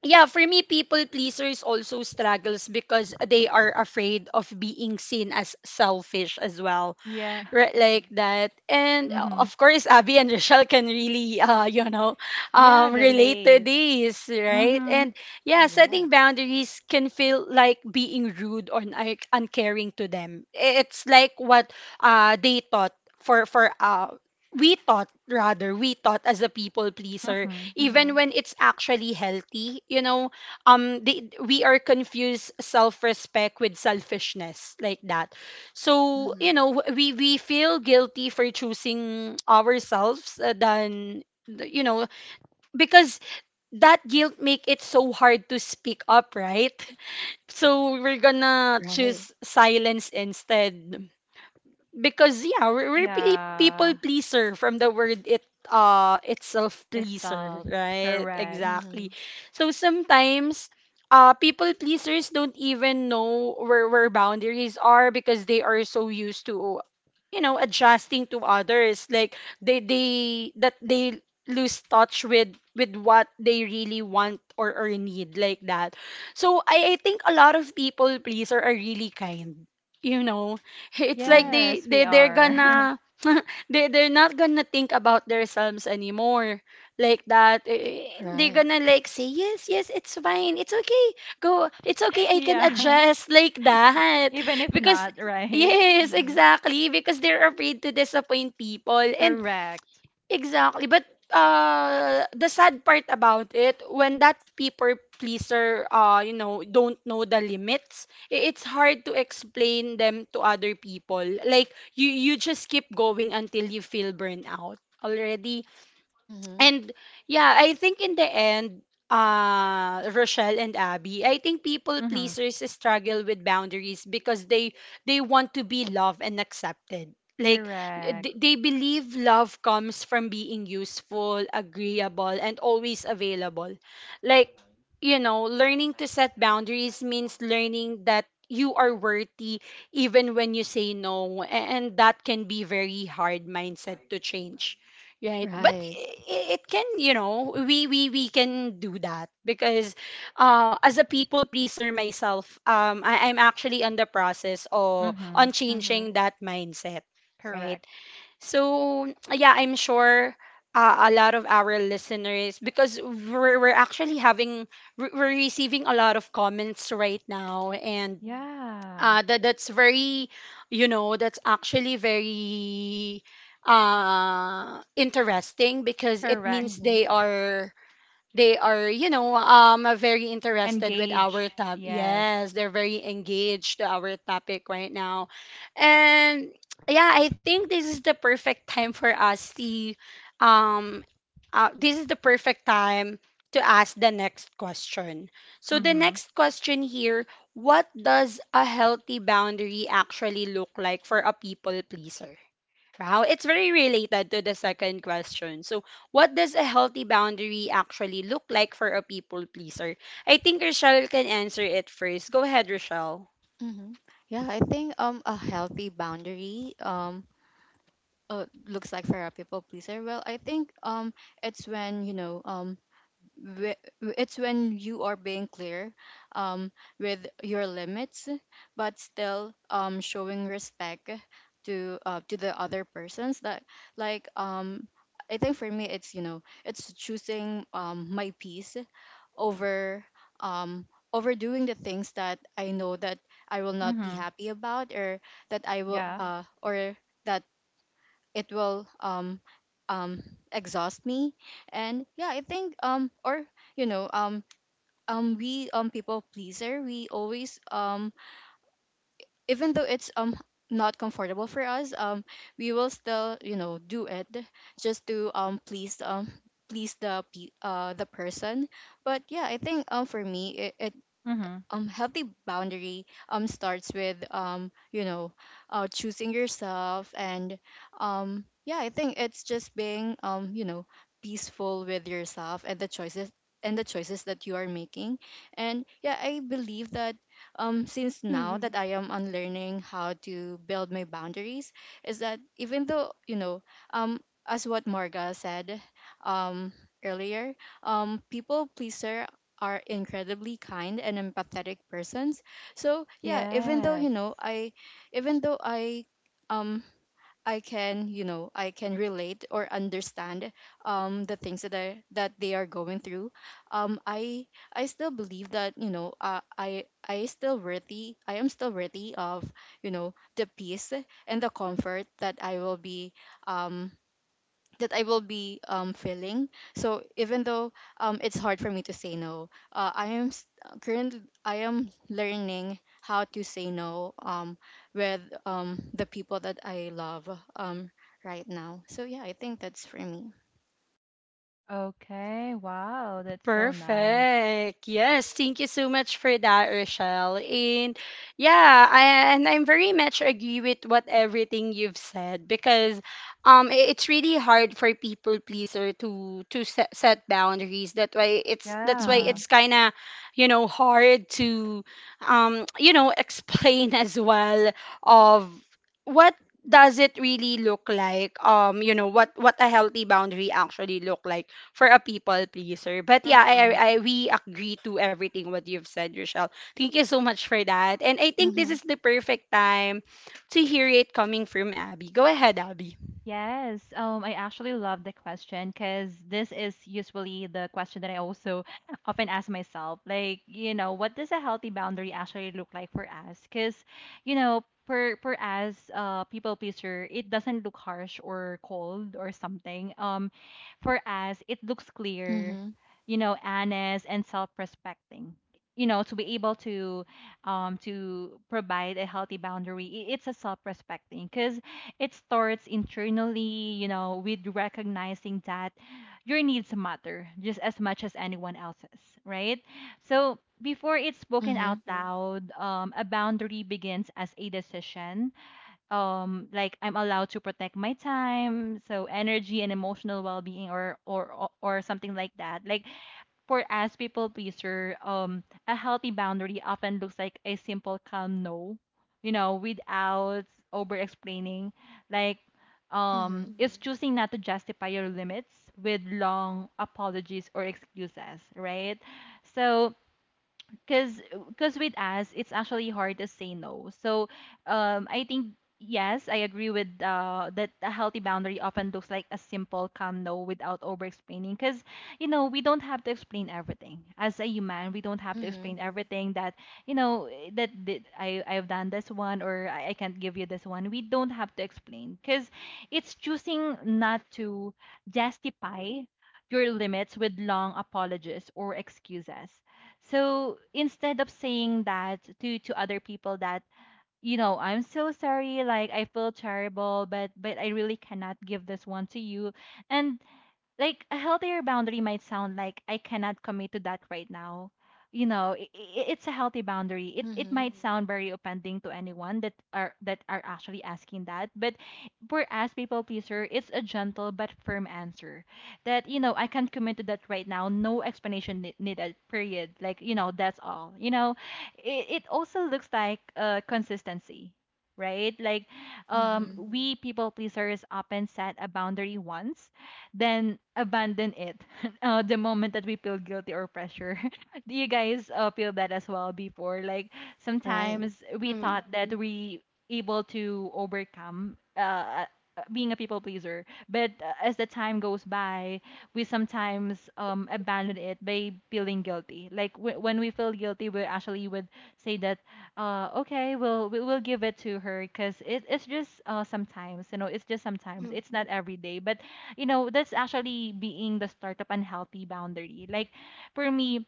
Speaker 1: yeah, for me, people pleasers also struggles because they are afraid of being seen as selfish as well,
Speaker 2: Yeah.
Speaker 1: right, like that. And uh,
Speaker 2: Mhm.
Speaker 1: of course, Abby and Rochelle can really uh you know
Speaker 2: Yeah,
Speaker 1: um relate to
Speaker 2: relate.
Speaker 1: this, right?
Speaker 2: Mhm.
Speaker 1: And yeah, setting
Speaker 3: Yes.
Speaker 1: boundaries can feel like being rude or un- uncaring to them. It's like what uh they thought, for for uh we thought rather we thought as a people pleaser,
Speaker 2: Mhm.
Speaker 1: even
Speaker 3: Mhm.
Speaker 1: when it's actually healthy. You know, um they, we are confused self-respect with selfishness, like that. So, you
Speaker 3: Mhm.
Speaker 1: know, we we feel guilty for choosing ourselves, uh, than th- you know because that guilt make it so hard to speak up, right? So we're gonna
Speaker 3: Right.
Speaker 1: choose silence instead, because yeah, we're, we're really people
Speaker 2: Yeah.
Speaker 1: pleaser from the word it uh itself, pleaser,
Speaker 2: Itself.
Speaker 1: right?
Speaker 2: Correct.
Speaker 1: Exactly.
Speaker 3: Mhm.
Speaker 1: So sometimes uh people pleasers don't even know where where boundaries are because they are so used to you know adjusting to others, like they they that they lose touch with with what they really want or, or need, like that. So I, I think a lot of people pleaser are really kind, you know it's like
Speaker 3: Mhm.
Speaker 1: they
Speaker 2: Yes, we
Speaker 1: they they're
Speaker 2: are.
Speaker 1: gonna they they're not gonna think about themselves anymore, like that. Eh, they're
Speaker 3: Right.
Speaker 1: gonna like say yes, yes, it's fine, it's okay, go, it's okay, I can
Speaker 2: Yeah.
Speaker 1: adjust like that
Speaker 2: Even if
Speaker 1: because
Speaker 2: not, right?
Speaker 1: yes,
Speaker 3: Mhm.
Speaker 1: exactly, because they're afraid to disappoint people. And
Speaker 2: Correct.
Speaker 1: exactly. But uh the sad part about it, when that people pleaser uh you know don't know the limits, i- it's hard to explain them to other people. Like you you just keep going until you feel burnout already.
Speaker 3: Mhm.
Speaker 1: And yeah, I think in the end, uh, Rochelle and Abby, I think people
Speaker 2: Mhm.
Speaker 1: pleasers struggle with boundaries because they they want to be loved and accepted. Like
Speaker 2: Correct.
Speaker 1: th- they believe love comes from being useful, agreeable, and always available. Like, you know, learning to set boundaries means learning that you are worthy even when you say no, a- and that can be very hard mindset to change. Right. But
Speaker 3: Right.
Speaker 1: i- i- it can, you know, we we we can do that because uh as a people pleaser myself, um I, I'm actually on the process or on
Speaker 2: Mhm.
Speaker 1: changing
Speaker 3: Mhm.
Speaker 1: that mindset, right?
Speaker 2: Correct.
Speaker 1: So yeah, I'm sure uh, a lot of our listeners because we're we're actually having we're we're receiving a lot of comments right now. And
Speaker 2: Yeah.
Speaker 1: uh that that's very, you know, that's actually very uh interesting because it
Speaker 2: Correct.
Speaker 1: means
Speaker 3: Mhm.
Speaker 1: they are they are you know, um very interested with our
Speaker 2: Engage.
Speaker 1: top,
Speaker 2: Yes.
Speaker 1: yes, they're very engaged to our topic right now. And yeah, I think this is the perfect time for us to um uh, this is the perfect time to ask the next question. So the
Speaker 2: Mhm.
Speaker 1: next question here, what does a healthy boundary actually look like for a people pleaser? Wow, it's very related to the second question. So, what does a healthy boundary actually look like for a people pleaser? I think Rochelle can answer it first. Go ahead, Rochelle.
Speaker 3: Mhm. Yeah, I think um a healthy boundary, um uh, looks like for a people pleaser. Well, I think um it's when you know, um whe- it's when you are being clear um, with your limits, but still um, showing respect to, uh, to the other persons, that like, um, I think for me, it's you know, it's choosing um, my peace over, um, overdoing the things that I know that I will not be
Speaker 2: Mhm.
Speaker 3: happy about, or that I will,
Speaker 2: Yeah.
Speaker 3: uh, or that it will um um exhaust me. And yeah, I think, um or you know um um we um people pleaser, we always, um even though it's um not comfortable for us, um we will still, you know, do it, just to um please um please the pe- uh the person. But yeah, I think um for me it, it,
Speaker 2: Mhm.
Speaker 3: um healthy boundary um starts with, um you know, uh choosing yourself. And um yeah, I think it's just being, um you know, peaceful with yourself, and the choices, and the choices that you are making. And yeah, I believe that, um since now that
Speaker 1: Mhm.
Speaker 3: I am unlearning how to build my boundaries, is that, even though you know, um as what Marga said, um earlier, um people pleaser are incredibly kind and empathetic persons. So yeah, even though
Speaker 2: Yes.
Speaker 3: you know I, even though I, um, I can, you know, I can relate, or understand um the things that I that they are going through. um I I still believe that, you know, uh, I I still worthy, I am still worthy of, you know, the peace and the comfort that I will be, um that I will be um, feeling. So even though um, it's hard for me to say no, uh, I am s- currently I am learning how to say no, um, with um, the people that I love, um, right now. So yeah, I think that's for me.
Speaker 2: Okay, wow, that's so nice.
Speaker 1: Perfect. Yes, thank you so much for that, Rochelle. And yeah, I, and I'm very much agree with what everything you've said because um i- it's really hard for people pleaser to to set, set boundaries. That why it's that's why
Speaker 2: Yeah.
Speaker 3: Mhm.
Speaker 1: it's kind of, you know, hard to um you know, explain as well of what does it really look like, um, you know, what what a healthy boundary actually look like for a people pleaser. But yeah, I,
Speaker 2: Mm-hmm.
Speaker 1: I I- we agree to everything what you've said, Rochelle. Thank you so much for that. And I think this
Speaker 3: Mhm.
Speaker 1: is the perfect time to hear it coming from Abby. Go ahead, Abby.
Speaker 2: Yes, um, I actually love the question because this is usually the question that I also often ask myself. Like, you know, what does a healthy boundary actually look like for us? Because, you know, for for us, uh, people pleaser, it doesn't look harsh or cold or something. Um, for us, it looks clear,
Speaker 3: Mhm.
Speaker 2: you know, honest and self-respecting. You know, to be able to, um, to provide a healthy boundary, i- it's a self-respecting because it starts internally, you know, with recognizing that your needs matter just as much as anyone else's, right? So before it's spoken
Speaker 3: Mhm.
Speaker 2: out loud, um, a boundary begins as a decision. Um, like, I'm allowed to protect my time, so energy and emotional well-being, or or or or something like that. Like, for as people pleaser, um, a healthy boundary often looks like a simple, calm no, you know, without over explaining. Like, um,
Speaker 3: Mhm.
Speaker 2: it's hmm choosing not to justify your limits with long apologies or excuses, right? So, because because with us it's actually hard to say no. So um I think, yes, I agree with uh that a healthy boundary often looks like a simple calm no without over explaining, because you know, we don't have to explain everything. As a human, we don't have to
Speaker 3: Mhm.
Speaker 2: explain everything. That you know, eh, that, that i I've done this one. Or I, I can't give you this one. We don't have to explain because it's choosing not to justify your limits with long apologies or excuses. So instead of saying that to to other people that, you know, I'm so sorry, like I feel terrible, but but I really cannot give this one to you, and like, a healthier boundary might sound like, I cannot commit to that right now. You know, i i- it's a healthy boundary. It it
Speaker 3: Mhm.
Speaker 2: might hmm sound very offending to anyone that are that are actually asking that. But for us people pleaser, it's a gentle but firm answer that, you know, I can't commit to that right now. No explanation ne- needed. Period. Like, you know, that's all. You know, it it also looks like uh, consistency, right? Like, um,
Speaker 3: Mhm.
Speaker 2: mm-hmm, we people pleasers often set a boundary once, then abandon it uh, the moment that we feel guilty or pressure. Do you guys uh, feel that as well before? Like,
Speaker 3: Right.
Speaker 2: sometimes we
Speaker 1: Mm-hmm.
Speaker 2: thought that we able to overcome uh, uh, being a people pleaser, but uh, as the time goes by, we sometimes um, abandon it by feeling guilty. Like, w- when we feel guilty, we actually would say that, uh, okay, we'll we will give it to her because it, it's just, uh, sometimes, you know. It's just sometimes. It's not every day, but you know, that's actually being the start of unhealthy boundary. Like, for me,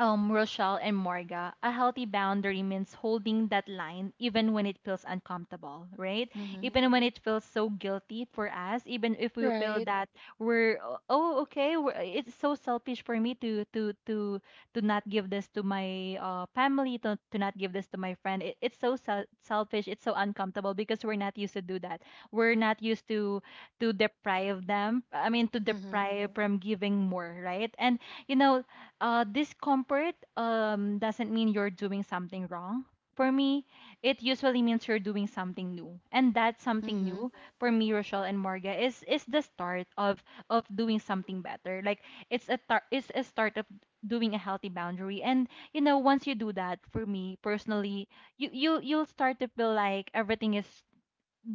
Speaker 2: um, Rochelle and Morga, a healthy boundary means holding that line even when it feels uncomfortable, right?
Speaker 3: Mhm.
Speaker 2: Even when it feels so guilty for us, even if we feel
Speaker 1: Right.
Speaker 2: that we're oh okay, we're, it's so selfish for me to to to to not give this to my, uh, family, to to not give this to my friend. It, it's so sel- selfish. It's so uncomfortable because we're not used to do that. We're not used to to deprive them. I mean, to
Speaker 3: Mhm.
Speaker 2: deprive from giving more, right? And you know, uh, discomfort, um, doesn't mean you're doing something wrong. For me, it usually means you're doing something new. And that something
Speaker 3: Mhm.
Speaker 2: new, for me, Rochelle and Morga, is is the start of of doing something better. Like, it's a tar- it's a start of doing a healthy boundary. And you know, once you do that, for me personally, you you you'll start to feel like everything is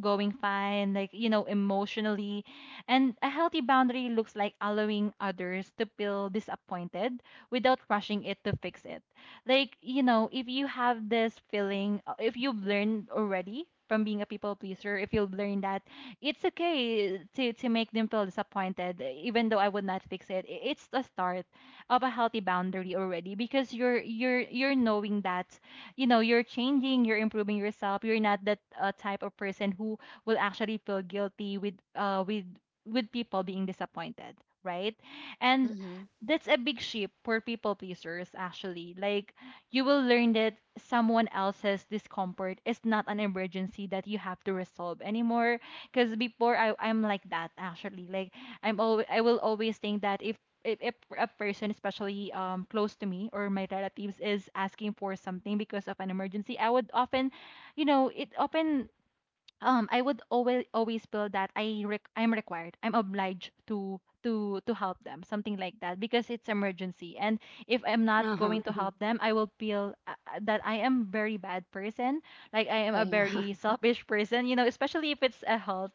Speaker 2: going fine, like, you know, emotionally. And a healthy boundary looks like allowing others to feel disappointed without rushing it to fix it. Like, you know, if you have this feeling, uh, if you've learned already from being a people pleaser, if you've learned that it's okay to, to make them feel disappointed, even though I would not fix it, i- it's the start of a healthy boundary already because you're you're you're knowing that you know you're changing, you're improving yourself, you're not that uh, type of person who will actually feel guilty with uh with with people being disappointed, right? And
Speaker 3: Mhm.
Speaker 2: that's a big shift for people pleasers actually. Like, you will learn that someone else's discomfort is not an emergency that you have to resolve anymore. Because before, I, I'm like that actually. Like, I'm always, I will always think that if if, if a person, especially um, close to me or my relatives, is asking for something because of an emergency, I would often, you know, it often um I would always always feel that I rec- I'm required. I'm obliged to to to help them, something like that, because it's emergency. And if I'm not
Speaker 1: Uh huh.
Speaker 2: going to hmm help them, I will feel uh, uh, that I am very bad person, like I am
Speaker 1: Yeah,
Speaker 2: a
Speaker 1: yeah.
Speaker 2: very selfish person, you know, especially if it's a health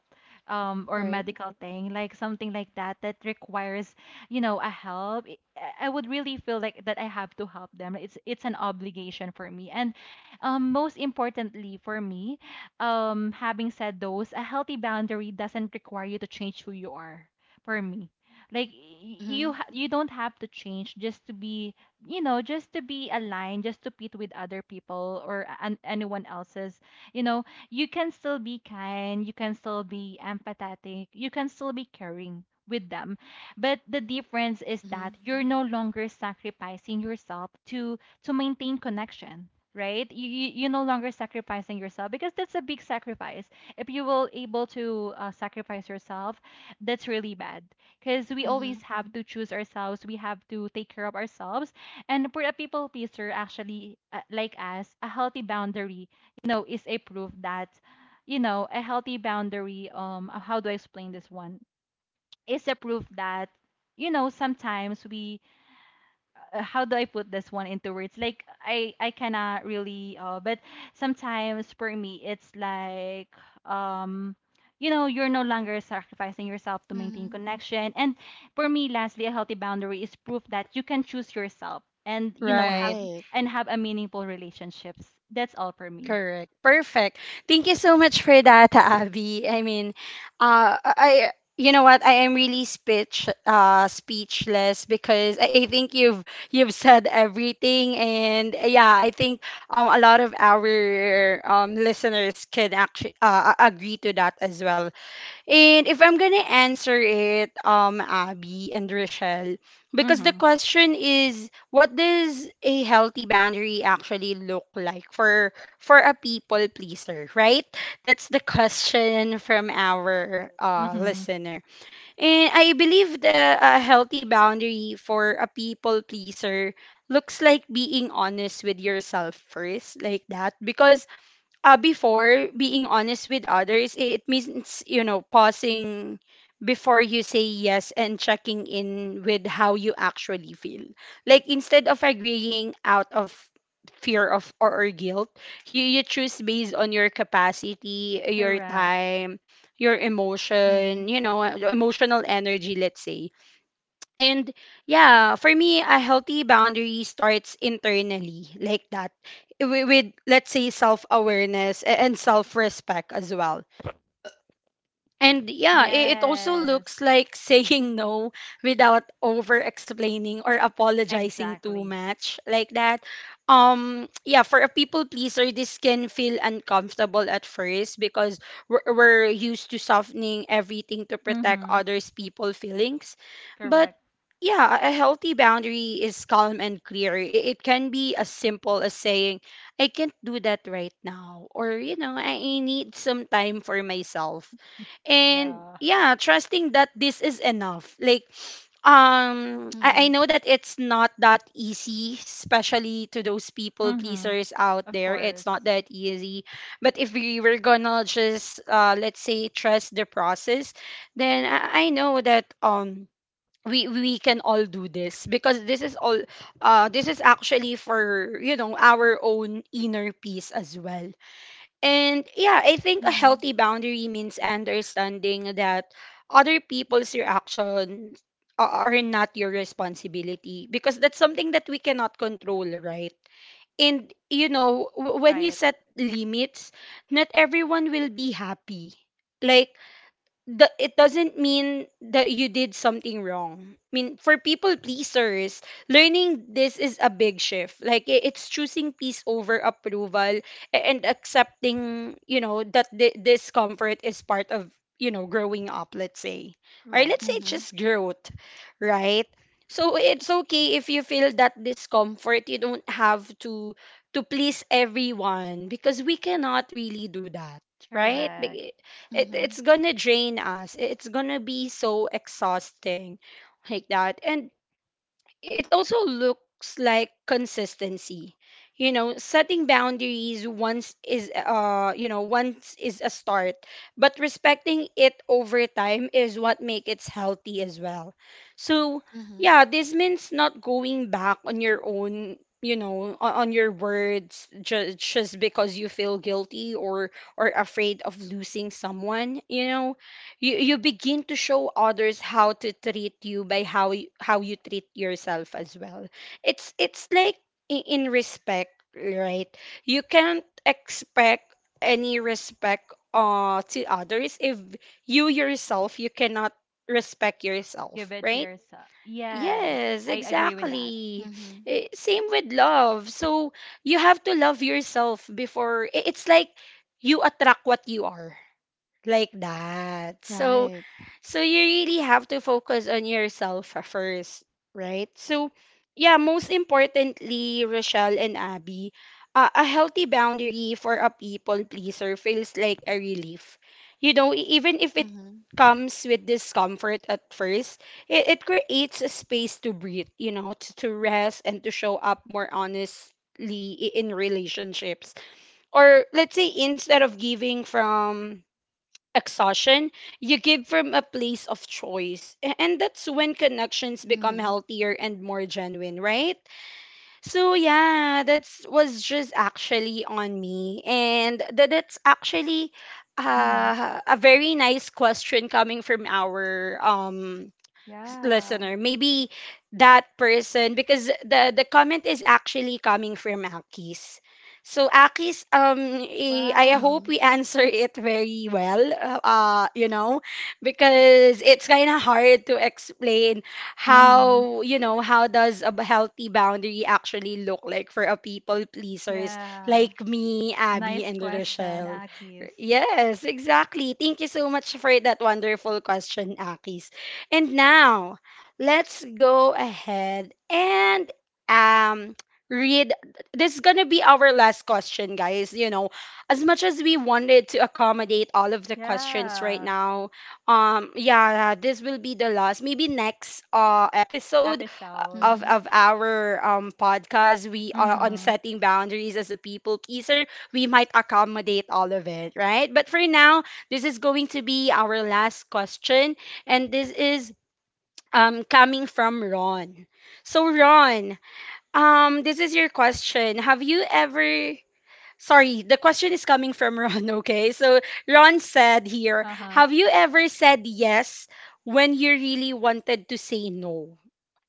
Speaker 2: um or
Speaker 1: Right.
Speaker 2: medical thing, like something like that that requires, you know, a help. I I would really feel like that I have to help them. It's it's an obligation for me. And um most importantly for me, um, having said those, a healthy boundary doesn't require you to change who you are. For me, like y- you,
Speaker 3: Mhm.
Speaker 2: ha- you don't have to change just to be, you know, just to be aligned, just to fit with other people or an- anyone else's. You know, you can still be kind, you can still be empathetic, you can still be caring with them. But the difference is that
Speaker 3: Mhm.
Speaker 2: you're no longer sacrificing yourself to to maintain connection, right? you, you you no longer sacrificing yourself because that's a big sacrifice. If you will able to uh, sacrifice yourself, that's really bad, because we always
Speaker 3: Mhm.
Speaker 2: have to choose ourselves. We have to take care of ourselves. And for a people pleaser actually, uh, like us, a healthy boundary, you know, is a proof that, you know, a healthy boundary, um, how do I explain this one? Is a proof that, you know, sometimes we uh, how do I put this one into words? Like I I cannot really uh but sometimes for me it's like um, you know, you're no longer sacrificing yourself to maintain
Speaker 3: Mhm.
Speaker 2: connection. And for me lastly, a healthy boundary is proof that you can choose yourself and, you know, have
Speaker 1: Right.
Speaker 3: Right.
Speaker 2: and have a meaningful relationships. That's all for me.
Speaker 1: Correct. Perfect. Thank you so much for that, Abby. I mean, uh, I you know what? I am really speech uh speechless because I I think you've you've said everything. And uh, yeah, I think um a lot of our um listeners can actually uh, a- agree to that as well. And if I'm gonna answer it, um, Abby and Rochelle, because the
Speaker 2: Mhm.
Speaker 1: question is, what does a healthy boundary actually look like for for a people pleaser, right? That's the question from our uh,
Speaker 2: Mhm.
Speaker 1: listener. And I believe the a healthy boundary for a people pleaser looks like being honest with yourself first, like that, because uh, before being honest with others, i- it means, you know, pausing before you say yes and checking in with how you actually feel, like instead of agreeing out of fear of or, or guilt, you, you choose based on your capacity, your
Speaker 2: Correct.
Speaker 1: time, your emotion,
Speaker 3: Mhm.
Speaker 1: you know, emotional energy, let's say. And yeah, for me, a healthy boundary starts internally, like that, wi- with, let's say, self awareness and self respect as well. And yeah, i- it also
Speaker 2: Yes.
Speaker 1: looks like saying no without over explaining or apologizing too
Speaker 2: Exactly.
Speaker 1: much, like that. Um yeah, for a people pleaser this can feel uncomfortable at first because we're, we're used to softening everything to protect
Speaker 2: Mhm.
Speaker 1: others people feelings. But
Speaker 2: Correct.
Speaker 1: yeah, a a healthy boundary is calm and clear. I- It can be as simple as saying, I can't do that right now, or, you know, I I need some time for myself and
Speaker 2: Yeah.
Speaker 1: yeah trusting that this is enough, like, um I, I
Speaker 3: Mhm.
Speaker 1: know that it's not that easy, especially to those people
Speaker 2: Mhm.
Speaker 1: pleasers out
Speaker 2: Of
Speaker 1: there, it's not
Speaker 2: course.
Speaker 1: that easy. But if we were gonna just uh let's say trust the process, then i, I know that um we we can all do this, because this is all uh this is actually for, you know, our own inner peace as well. And yeah, I think a
Speaker 3: Mhm.
Speaker 1: healthy boundary means understanding that other people's reactions a- are not your responsibility because that's something that we cannot control, right? And you know, w- when you
Speaker 2: Right.
Speaker 1: set limits, not everyone will be happy. Like, the, it doesn't mean that you did something wrong. I mean, for people pleasers, learning this is a big shift. Like i- it's choosing peace over approval a- and accepting, you know, that th- discomfort is part of, you know, growing up, let's say. Or
Speaker 2: Right.
Speaker 1: let's say it's
Speaker 3: Mhm.
Speaker 1: just growth, right? So it's okay if you feel that discomfort. You don't have to to please everyone because we cannot really do that, right?
Speaker 2: Correct.
Speaker 1: It, it's
Speaker 3: Mhm.
Speaker 1: gonna drain us. It's gonna be so exhausting, like that. And it also looks like consistency. You know, setting boundaries once is, uh you know once is a start, but respecting it over time is what makes it healthy as well. So
Speaker 3: Mhm.
Speaker 1: yeah, this means not going back on your own, you know, on, on your words just just because you feel guilty or or afraid of losing someone. You know, you you begin to show others how to treat you by how you, how you treat yourself as well. It's it's like, i- in respect, right? You can't expect any respect uh to others if you yourself you cannot respect
Speaker 2: Give
Speaker 1: yourself,
Speaker 2: it to
Speaker 1: right?
Speaker 2: yourself. Yes.
Speaker 1: Yes,
Speaker 2: I agree with that.
Speaker 1: exactly.
Speaker 3: Mhm.
Speaker 1: Eh, same with love. So you have to love yourself before, i- it's like you attract what you are, like that. So
Speaker 3: Right.
Speaker 1: so you really have to focus on yourself f- first, right? So yeah, most importantly, Rochelle and Abby, uh, a healthy boundary for a people pleaser feels like a relief. You know, e- even if it
Speaker 3: Mhm.
Speaker 1: comes with discomfort at first, it, it creates a space to breathe, you know, to to rest and to show up more honestly i- in relationships. Or let's say instead of giving from exhaustion, you give from a place of choice. A- And that's when connections become
Speaker 3: Mhm.
Speaker 1: healthier and more genuine, right? So yeah, that's was just actually on me. And that that's actually
Speaker 2: Mm-hmm.
Speaker 1: uh, a very nice question coming from our um
Speaker 2: Yeah.
Speaker 1: listener. Maybe that person, because the the comment is actually coming from Akis. So Akis, um, eh, I
Speaker 2: Wow.
Speaker 1: hope
Speaker 3: Mhm.
Speaker 1: we answer it very well. Uh, uh, you know, because it's kind of hard to explain
Speaker 2: Mm-hmm.
Speaker 1: how, you know, how does a b- healthy boundary actually look like for a people pleasers
Speaker 2: Yeah.
Speaker 1: like me, Abby,
Speaker 2: Nice
Speaker 1: and
Speaker 2: question,
Speaker 1: Rochelle.
Speaker 2: Akis.
Speaker 1: Yes, exactly. Thank you so much for that wonderful question, Aki. And now, let's go ahead and um read, this is going to be our last question, guys. You know, as much as we wanted to accommodate all of the questions right
Speaker 2: Yeah.
Speaker 1: now, um yeah, this will be the last, maybe next uh episode uh,
Speaker 2: Episode.
Speaker 1: of
Speaker 3: Mhm.
Speaker 1: of our um podcast, we are on
Speaker 2: Mm-hmm.
Speaker 1: setting boundaries as a people pleaser, we might accommodate all of it, right? But for now, this is going to be our last question, and this is um, coming from Ron. So Ron, um, this is your question. Have you ever, sorry, the question is coming from Ron, okay? So Ron said here,
Speaker 2: Uh-huh.
Speaker 1: have you ever said yes when you really wanted to say no?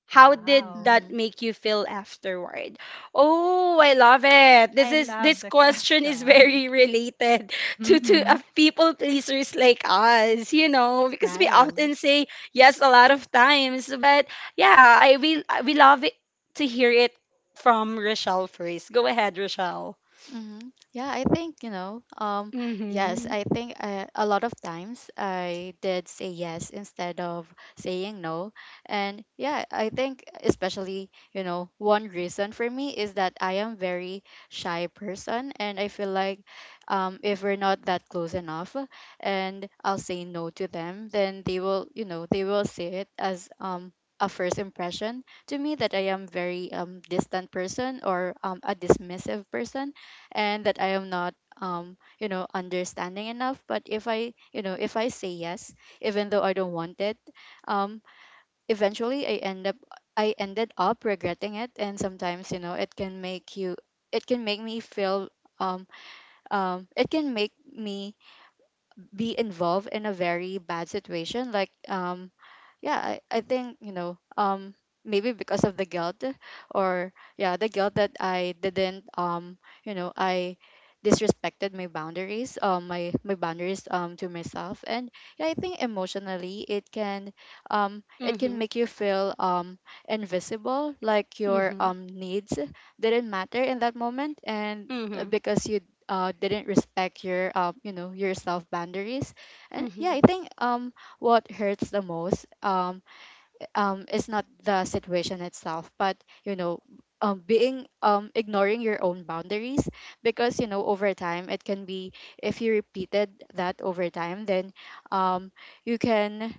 Speaker 1: How did
Speaker 2: Wow.
Speaker 1: that
Speaker 3: Mhm.
Speaker 1: make you feel afterward? Oh, I love it. This
Speaker 2: I
Speaker 1: is this
Speaker 2: love the
Speaker 1: question is
Speaker 2: question.
Speaker 1: very related to to uh,
Speaker 2: Mm-hmm.
Speaker 1: people pleasers like us, you know, because we
Speaker 3: Right.
Speaker 1: often say yes a lot of times. But yeah, I we we love it to hear it from Rochelle first. Go ahead, Rochelle.
Speaker 3: Mm-hmm. Yeah, I think, you know, um, yes,
Speaker 1: Mhm.
Speaker 3: I think uh a lot of times I did say yes instead of saying no. And yeah, I think especially, you know, one reason for me is that I am very shy person, and I feel like um if we're not that close enough, and I'll say no to them, then they will, you know, they will see it as um a first impression to me, that I am very um distant person, or um a dismissive person, and that I am not um you know, understanding enough. But if I, you know, if I say yes, even though I don't want it, um eventually I end up, I ended up regretting it. And sometimes, you know, it can make you, it can make me feel, um um it can make me be involved in a very bad situation, like, um yeah, I, I think, you know, um maybe because of the guilt, or yeah, the guilt that I didn't, um, you know, I disrespected my boundaries, um my, my boundaries um to myself. And yeah, I think emotionally, it can um it can
Speaker 1: Mhm.
Speaker 3: make you feel um invisible, like your
Speaker 1: Mhm.
Speaker 3: um needs didn't matter in that moment, and uh,
Speaker 1: Mhm.
Speaker 3: because you uh, didn't respect your, um, you know, your self boundaries. And yeah,
Speaker 1: Mhm.
Speaker 3: I think um what hurts the most, um, um, is not the situation itself, but, you know, um, being, um, ignoring your own boundaries. Because, you know, over time it can be, if you repeated that over time, then, um, you can,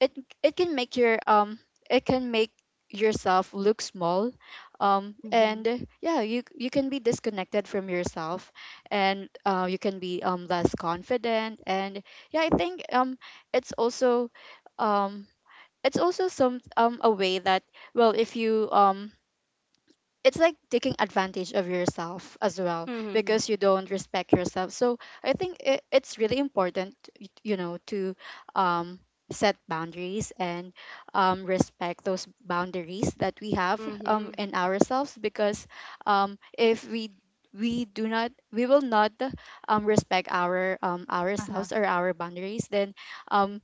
Speaker 3: it it can make your, um it can make yourself look small, um
Speaker 1: Mhm.
Speaker 3: and yeah, you you can be disconnected from yourself, and uh, you can be um less confident. And yeah, I think um it's also, um it's also some, um a way that, well, if you, um it's like taking advantage of yourself as well,
Speaker 1: Mhm.
Speaker 3: because you don't respect yourself. So I think it, it's really important, y- you know, to um, set boundaries, and um, respect those boundaries that we have um,
Speaker 1: Mhm.
Speaker 3: in ourselves. Because um, if we, we do not, we will not um, respect our, um,
Speaker 2: Uh-huh.
Speaker 3: ourselves or our boundaries, then um,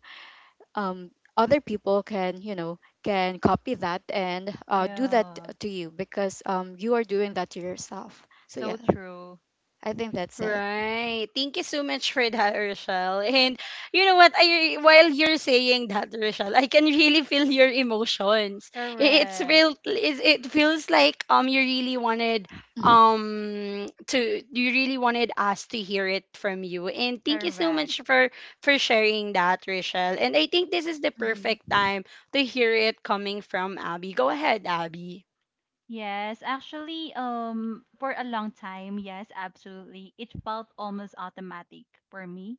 Speaker 3: um, other people can, you know, can copy that, and uh, do that
Speaker 2: Yeah.
Speaker 3: to you, because um, you are doing that to yourself. So
Speaker 2: So
Speaker 3: yeah,
Speaker 2: true.
Speaker 3: I think that's it.
Speaker 1: Right. Thank you so much for that, Rochelle. And you know what? I While you're saying that, Rochelle, I can really feel your emotions. I- It's
Speaker 2: Correct.
Speaker 1: real. It, it feels like um you really wanted um to you really wanted us to hear it from you. And thank you so
Speaker 2: Correct.
Speaker 1: much for for sharing that, Rochelle. And I think this is the perfect
Speaker 3: Mhm.
Speaker 1: time to hear it coming from Abby. Go ahead, Abby.
Speaker 2: Yes, actually, um, for a long time, yes, absolutely. It felt almost automatic for me.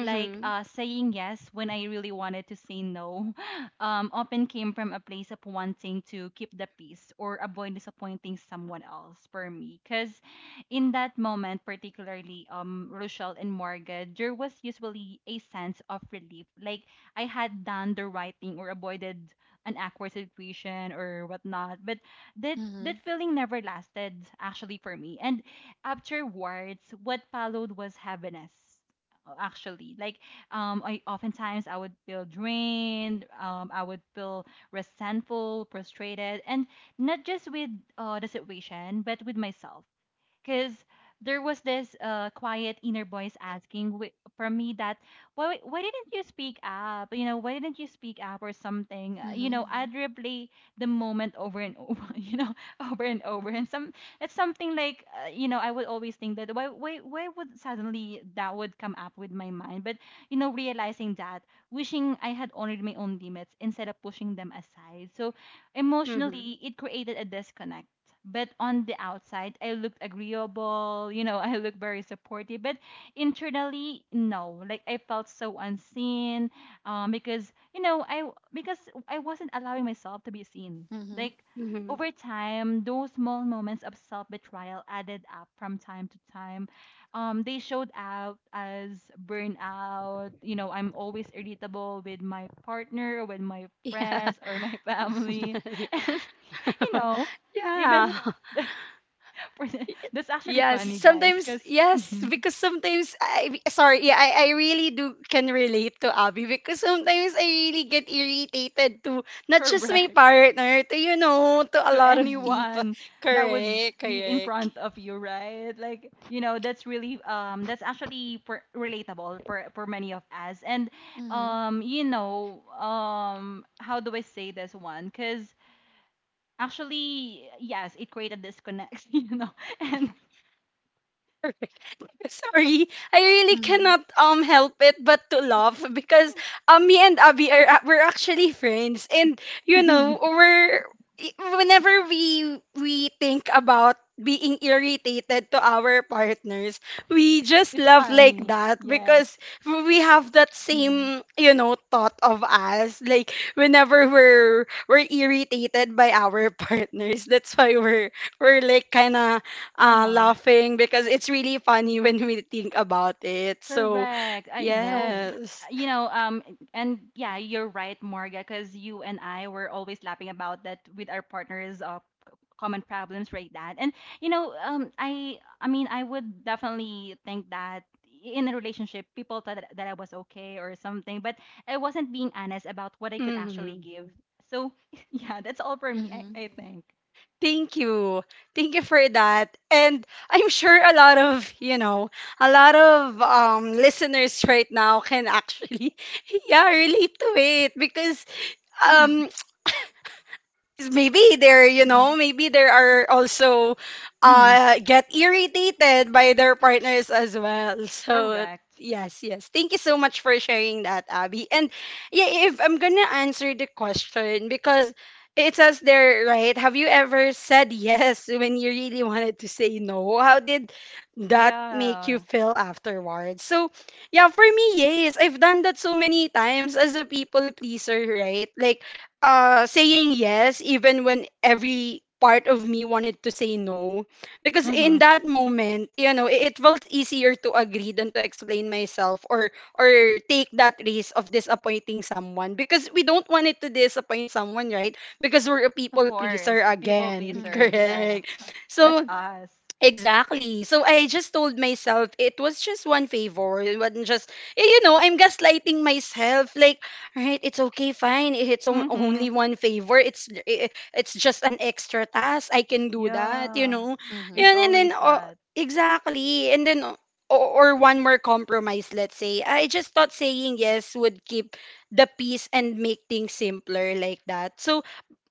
Speaker 2: Like uh, saying yes when I really wanted to say no, um, often came from a place of wanting to keep the peace or avoid disappointing someone else for me. Because in that moment, particularly um, Rochelle and Morgan, there was usually a sense of relief. Like I had done the right thing or avoided an awkward situation or whatnot. But that that
Speaker 3: Mhm.
Speaker 2: feeling never lasted actually for me. And afterwards, what followed was heaviness, uh, actually. Like um, I oftentimes I would feel drained. Um, I would feel resentful, frustrated, and not just with uh, the situation but with myself, because there was this uh, quiet inner voice asking wi- from me that why why didn't you speak up, you know, why didn't you speak up or something. Uh, you know.
Speaker 3: Mhm.
Speaker 2: Mhm. I'd replay the moment over and over you know, over and over, and some it's something like uh, you know, I would always think that why why why would suddenly that would come up with my mind, but you know, realizing that, wishing I had honored my own limits instead of pushing them aside. So
Speaker 1: Mhm.
Speaker 2: emotionally it created a disconnect, but on the outside I looked agreeable, you know, I looked very supportive, but internally no, like I felt so unseen, um, because you know I because I wasn't allowing myself to be seen.
Speaker 3: Mhm.
Speaker 2: Like
Speaker 1: Mhm.
Speaker 2: over time those small moments of self-betrayal added up from time to time. Um, they showed out as burnout, you know, I'm always irritable with my partner, with my
Speaker 1: Yeah.
Speaker 2: friends or my family. And you
Speaker 1: Yeah.
Speaker 2: know,
Speaker 1: Yeah.
Speaker 2: even for the- that's actually
Speaker 1: Yes,
Speaker 2: funny, guys,
Speaker 1: sometimes
Speaker 2: because
Speaker 1: yes, because sometimes I sorry, yeah, I, I really do can relate to Abby because sometimes I really get irritated to not just my
Speaker 2: correct,
Speaker 1: partner, to, you know, to a
Speaker 2: to
Speaker 1: lot of
Speaker 3: Mhm.
Speaker 1: people.
Speaker 2: anyone that would
Speaker 1: Correct,
Speaker 2: be in
Speaker 1: correct.
Speaker 2: front of you, right? Like you know, that's really um, that's actually for, relatable for for many of us, and
Speaker 3: Mhm.
Speaker 2: um, you know, um, how do I say this one? Because actually, yes, it created disconnects, you know, and
Speaker 1: Sorry, I really
Speaker 3: Mhm.
Speaker 1: cannot um help it but to laugh because um me and Abby are a- we're actually friends and you know we're i- whenever we we think about being irritated to our partners, we just
Speaker 2: it's
Speaker 1: laugh like
Speaker 2: funny.
Speaker 1: that because
Speaker 2: Yes.
Speaker 1: we have that
Speaker 3: Mhm.
Speaker 1: same you know thought of us like whenever we're we're irritated by our partners. That's why we're we're like kind of
Speaker 2: Uh
Speaker 1: uh,
Speaker 2: huh.
Speaker 1: laughing because it's really funny when we think about it. So,
Speaker 2: Correct. I
Speaker 3: Mhm.
Speaker 2: so
Speaker 3: right
Speaker 1: yes.
Speaker 2: you know, um, and yeah, you're right, Morga, because you and I were always laughing about that with our partners, uh, c- common problems, right? That, and you know, um, I, I mean, I would definitely think that in a relationship, people thought that, that I was okay or something, but I wasn't being honest about what I could actually
Speaker 1: Mhm.
Speaker 2: give. So, yeah, that's all for me, I,
Speaker 3: Mhm.
Speaker 2: I think.
Speaker 1: Thank you. Thank you for that. And I'm sure a lot of, you know, a lot of um, listeners right now can actually, yeah, relate to it because
Speaker 2: Mm-hmm.
Speaker 1: um, maybe they're, you
Speaker 3: Mhm.
Speaker 1: know, maybe there are also
Speaker 2: Mm-hmm.
Speaker 1: uh get irritated by their partners as well. So
Speaker 2: Correct.
Speaker 1: yes, yes, thank you so much for sharing that, Abby. And yeah, if I'm gonna answer the question, because it says there, right, have you ever said yes when you really wanted to say no? How did that make you
Speaker 2: Yeah.
Speaker 1: feel afterwards? So yeah, for me, yes, I've done that so many times as a people pleaser, right? Like uh saying yes even when every part of me wanted to say no, because
Speaker 2: Mm-hmm.
Speaker 1: in that moment, you know, it, it felt easier to agree than to explain myself or or take that risk of disappointing someone, because we don't want it to disappoint someone, right? Because we're a
Speaker 2: Of
Speaker 1: people pleaser
Speaker 2: course, people
Speaker 1: again.
Speaker 2: pleaser.
Speaker 3: Mhm.
Speaker 2: Yeah,
Speaker 1: Correct.
Speaker 2: that's
Speaker 1: So
Speaker 2: us.
Speaker 1: exactly. So I just told myself it was just one favor. It wasn't just, eh, you know, I'm gaslighting myself. Like, right, it's okay, fine. If It's on- only
Speaker 2: Mm-hmm.
Speaker 1: one favor. It's eh, eh, it's just an extra task. I can do that, you
Speaker 2: Yeah,
Speaker 1: know.
Speaker 3: Mhm.
Speaker 2: it's
Speaker 1: Yun, and then,
Speaker 2: always
Speaker 1: oh,
Speaker 2: that.
Speaker 1: exactly. And then, oh, or or one more compromise, let's say. I just thought saying yes would keep the peace and make things simpler like that. So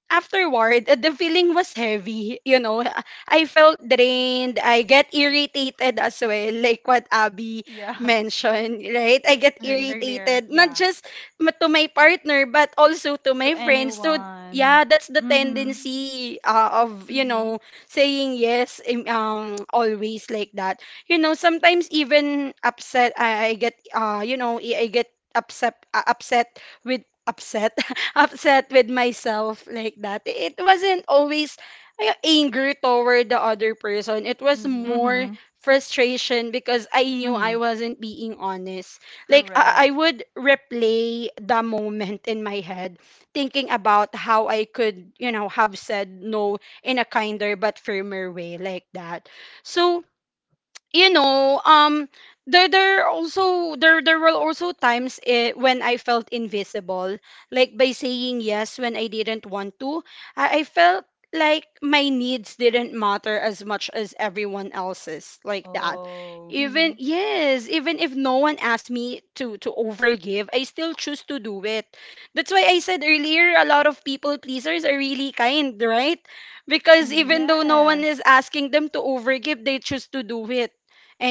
Speaker 1: afterward, uh, the feeling was heavy. You know, Uh, I felt drained. I get irritated as well, like what Abby
Speaker 2: Yeah,
Speaker 1: mentioned, right? I
Speaker 2: Cor-
Speaker 1: get
Speaker 2: ear-
Speaker 3: Mhm.
Speaker 2: earlier.
Speaker 1: irritated, not
Speaker 2: Yeah,
Speaker 1: just ma- to my partner, but also to
Speaker 2: to
Speaker 1: my friends. So,
Speaker 2: anyone.
Speaker 1: yeah, that's the
Speaker 2: Mhm.
Speaker 1: tendency uh, of, you
Speaker 3: Mhm.
Speaker 1: know, saying yes, im- um, always like that. You know, sometimes even upset, I, I get, uh, you know, I I get upset, uh, upset with upset upset with myself like that. It wasn't always uh, anger toward the other person. It was
Speaker 3: Mhm.
Speaker 1: more
Speaker 2: Mhm.
Speaker 1: frustration because I knew I
Speaker 2: Mhm.
Speaker 1: wasn't being honest. Like I, I
Speaker 2: Correct.
Speaker 1: would replay the moment in my head, thinking about how I could, you know, have said no in a kinder but firmer way like that. So you know, um, there there also there there were also times eh, when I felt invisible, like by saying yes when I didn't want to. I, I felt like my needs didn't matter as much as everyone else's, like that.
Speaker 2: Oh,
Speaker 1: Even
Speaker 3: Mhm.
Speaker 1: yes, even if no one asked me to to overgive, I still choose to do it. That's why I said earlier, a lot of people pleasers are really kind, right? Because
Speaker 3: Mhm.
Speaker 1: even though no one
Speaker 2: yes.
Speaker 1: is asking them to overgive, they choose to do it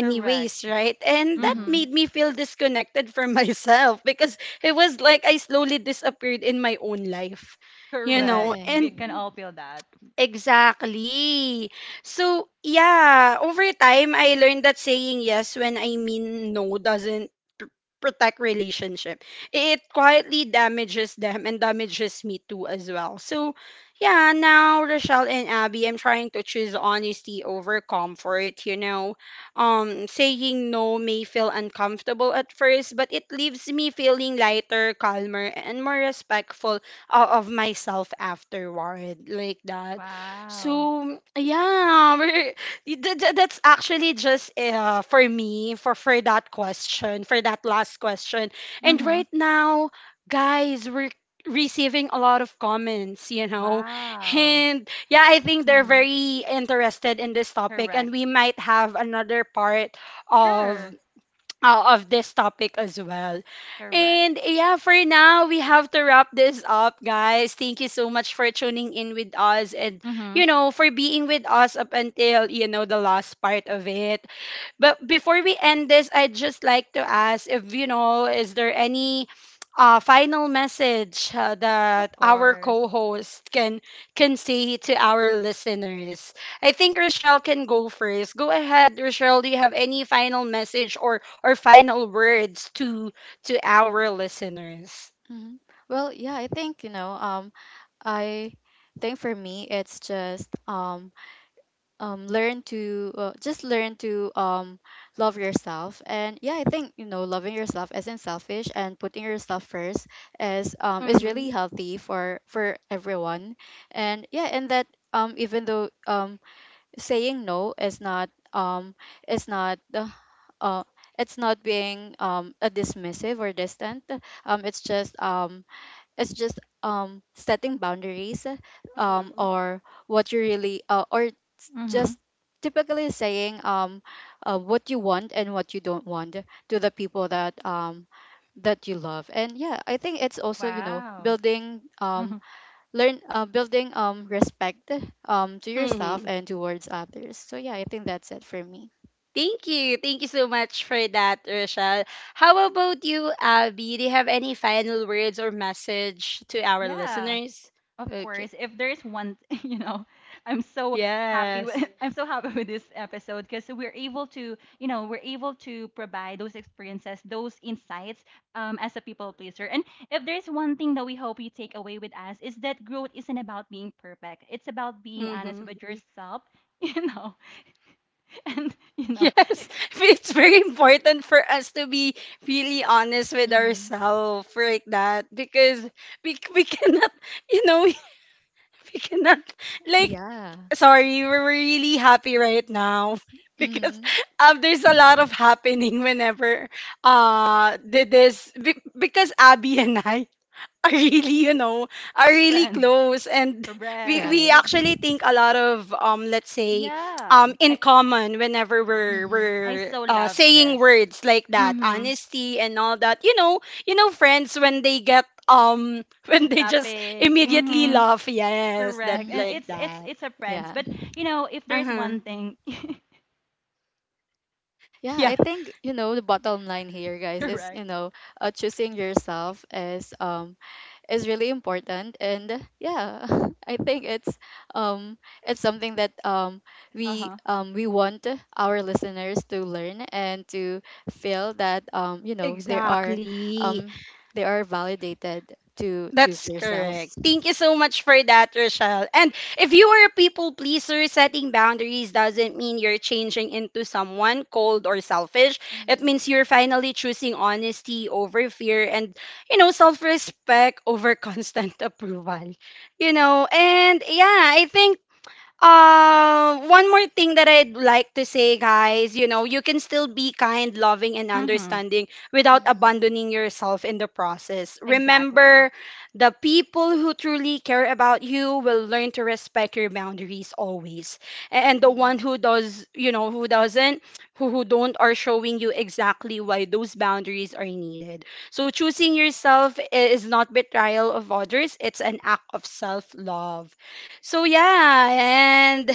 Speaker 2: Correct.
Speaker 1: right? And that
Speaker 2: Mhm.
Speaker 3: Mhm.
Speaker 1: made me feel disconnected from myself, because it was like I slowly disappeared in my own life, you know?
Speaker 2: Correct. We
Speaker 3: Right.
Speaker 1: And
Speaker 2: can all feel that.
Speaker 1: exactly. So, yeah, over time, I learned that saying yes when I mean no doesn't pr- protect relationship. It quietly damages them and damages me too as well. So, yeah, now Rochelle and Abby, I'm trying to choose honesty over comfort, you know. Um, saying no may feel uncomfortable at first, but it leaves me feeling lighter, calmer, and more respectful uh, of myself afterward, like that.
Speaker 2: Wow.
Speaker 1: So yeah, we're, y- th- th- that's actually just uh, for me, for for that question, for that last question. And
Speaker 2: Mhm.
Speaker 1: right now, guys, we're receiving a lot of comments, you know,
Speaker 2: Wow.
Speaker 1: and yeah, I think they're
Speaker 3: Mhm.
Speaker 1: very interested in this topic, and
Speaker 2: Correct.
Speaker 1: we might have another part of
Speaker 2: Sure.
Speaker 1: uh, of this topic as well.
Speaker 2: Correct.
Speaker 1: And yeah, for now, we have to wrap this up, guys. Thank you so much for tuning in with us and, you
Speaker 2: Mhm.
Speaker 1: know, for being with us up until, you know, the last part of it. But before we end this, I'd just like to ask, if you know, is there any uh, final message uh,
Speaker 2: Of
Speaker 1: that our
Speaker 2: course.
Speaker 1: co-host can can say to our listeners? I think Rochelle can go first. Go ahead, Rochelle. Do you have any final message or or final words to to our listeners?
Speaker 3: Mhm. Well, yeah, I think, you know, um, I think for me it's just, um um learn to, uh, just learn to um love yourself. And yeah, I think, you know, loving yourself isn't selfish, and putting yourself first is um is
Speaker 1: Mm-hmm.
Speaker 3: really healthy for for everyone. And yeah, and that, um even though um saying no is not, um is not uh, uh it's not being um a dismissive or distant, um it's just um it's just, um setting boundaries, um or what you really, uh, or
Speaker 2: Mhm.
Speaker 3: just typically saying, um uh, what you want and what you don't want to the people that, um that you love. And yeah, I think it's also, you know,
Speaker 2: Wow.
Speaker 3: building, um
Speaker 2: Mhm.
Speaker 3: learn uh, building um respect um to yourself
Speaker 1: Mm-hmm.
Speaker 3: and towards others. So yeah, I think that's it for me.
Speaker 1: Thank you. Thank you so much for that, Rochelle. How about you, Abby? Do you have any final words or message to our
Speaker 2: Yeah.
Speaker 1: listeners?
Speaker 2: Of
Speaker 1: Okay.
Speaker 2: course, if there's one, you know, I'm so happy with
Speaker 1: Yes.
Speaker 2: I'm so happy with this episode because we're able to, you know, we're able to provide those experiences, those insights um as a people pleaser. And if there's one thing that we hope you take away with us is that growth isn't about being perfect. It's about being honest
Speaker 1: Mm-hmm.
Speaker 2: with yourself, you know, and you know,
Speaker 1: Yes. It's very important for us to be really honest with
Speaker 3: mm-hmm.
Speaker 1: ourselves like that because we, we cannot, you know, we cannot like
Speaker 3: Yeah.
Speaker 1: sorry, we're really happy right now because
Speaker 3: mm
Speaker 1: um there's a lot of happening whenever uh did this be- because Abby and I are really, you know, are really
Speaker 2: friends.
Speaker 1: close. And we, we
Speaker 3: right.
Speaker 2: Correct.
Speaker 1: actually think a lot of, um, let's say,
Speaker 2: Yeah.
Speaker 1: um, in
Speaker 2: I
Speaker 1: common whenever we're,
Speaker 3: mm-hmm.
Speaker 2: I
Speaker 1: we're
Speaker 2: so
Speaker 1: uh,
Speaker 2: love
Speaker 1: saying
Speaker 2: this.
Speaker 1: words like that,
Speaker 2: Mhm.
Speaker 1: honesty and all that. You know, you know, friends, when they get, um, when they just
Speaker 2: Topic.
Speaker 1: immediately
Speaker 2: Mhm.
Speaker 1: laugh, yes, that
Speaker 2: Correct. And
Speaker 3: Mm-hmm.
Speaker 1: like
Speaker 2: it's it's
Speaker 1: that.
Speaker 2: it's a friends.
Speaker 3: Yeah.
Speaker 2: But you know, if there's
Speaker 1: Uh-huh.
Speaker 2: one thing
Speaker 3: Yeah,
Speaker 1: Yeah,
Speaker 3: I think you know the bottom line here, guys, is
Speaker 2: correct.
Speaker 3: you know, uh, choosing yourself is um is really important, and yeah, I think it's um it's something that um we
Speaker 2: Uh-huh.
Speaker 3: um we want our listeners to learn, and to feel that, um you know, they are,
Speaker 1: exactly.
Speaker 3: um they are validated to choose
Speaker 1: That's
Speaker 3: themselves.
Speaker 1: correct. Thank you so much for that, Rochelle. And if you are a people pleaser, setting boundaries doesn't mean you're changing into someone cold or selfish. It
Speaker 3: Mm-hmm.
Speaker 1: means you're finally choosing honesty over fear and, you know, self respect over constant approval. You know, and yeah, I think uh, one more thing that I'd like to say, guys, you know, you can still be kind, loving, and
Speaker 2: Mm-hmm.
Speaker 1: understanding without abandoning yourself in the process.
Speaker 2: Exactly.
Speaker 1: Remember, the people who truly care about you will learn to respect your boundaries always. A- And the one who does, you know, who doesn't, who, who don't, are showing you exactly why those boundaries are needed. So choosing yourself i- is not betrayal of others, it's an act of self love. So yeah, and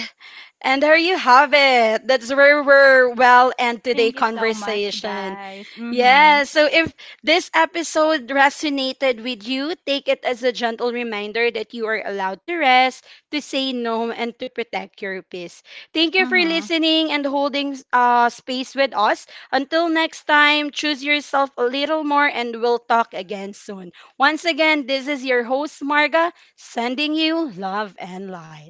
Speaker 1: and there you have it. That's where we're well and today
Speaker 2: Thank you so much,
Speaker 1: conversation.
Speaker 2: guys. Mm-hmm.
Speaker 1: Yeah, so if this episode resonated with you, take it as a gentle reminder that you are allowed to rest, to say no, and to protect your peace. Thank you for
Speaker 2: Mm-hmm.
Speaker 1: listening and holding uh, space with us. Until next time, choose yourself a little more, and we'll talk again soon. Once again, this is your host, Marga, sending you love and light.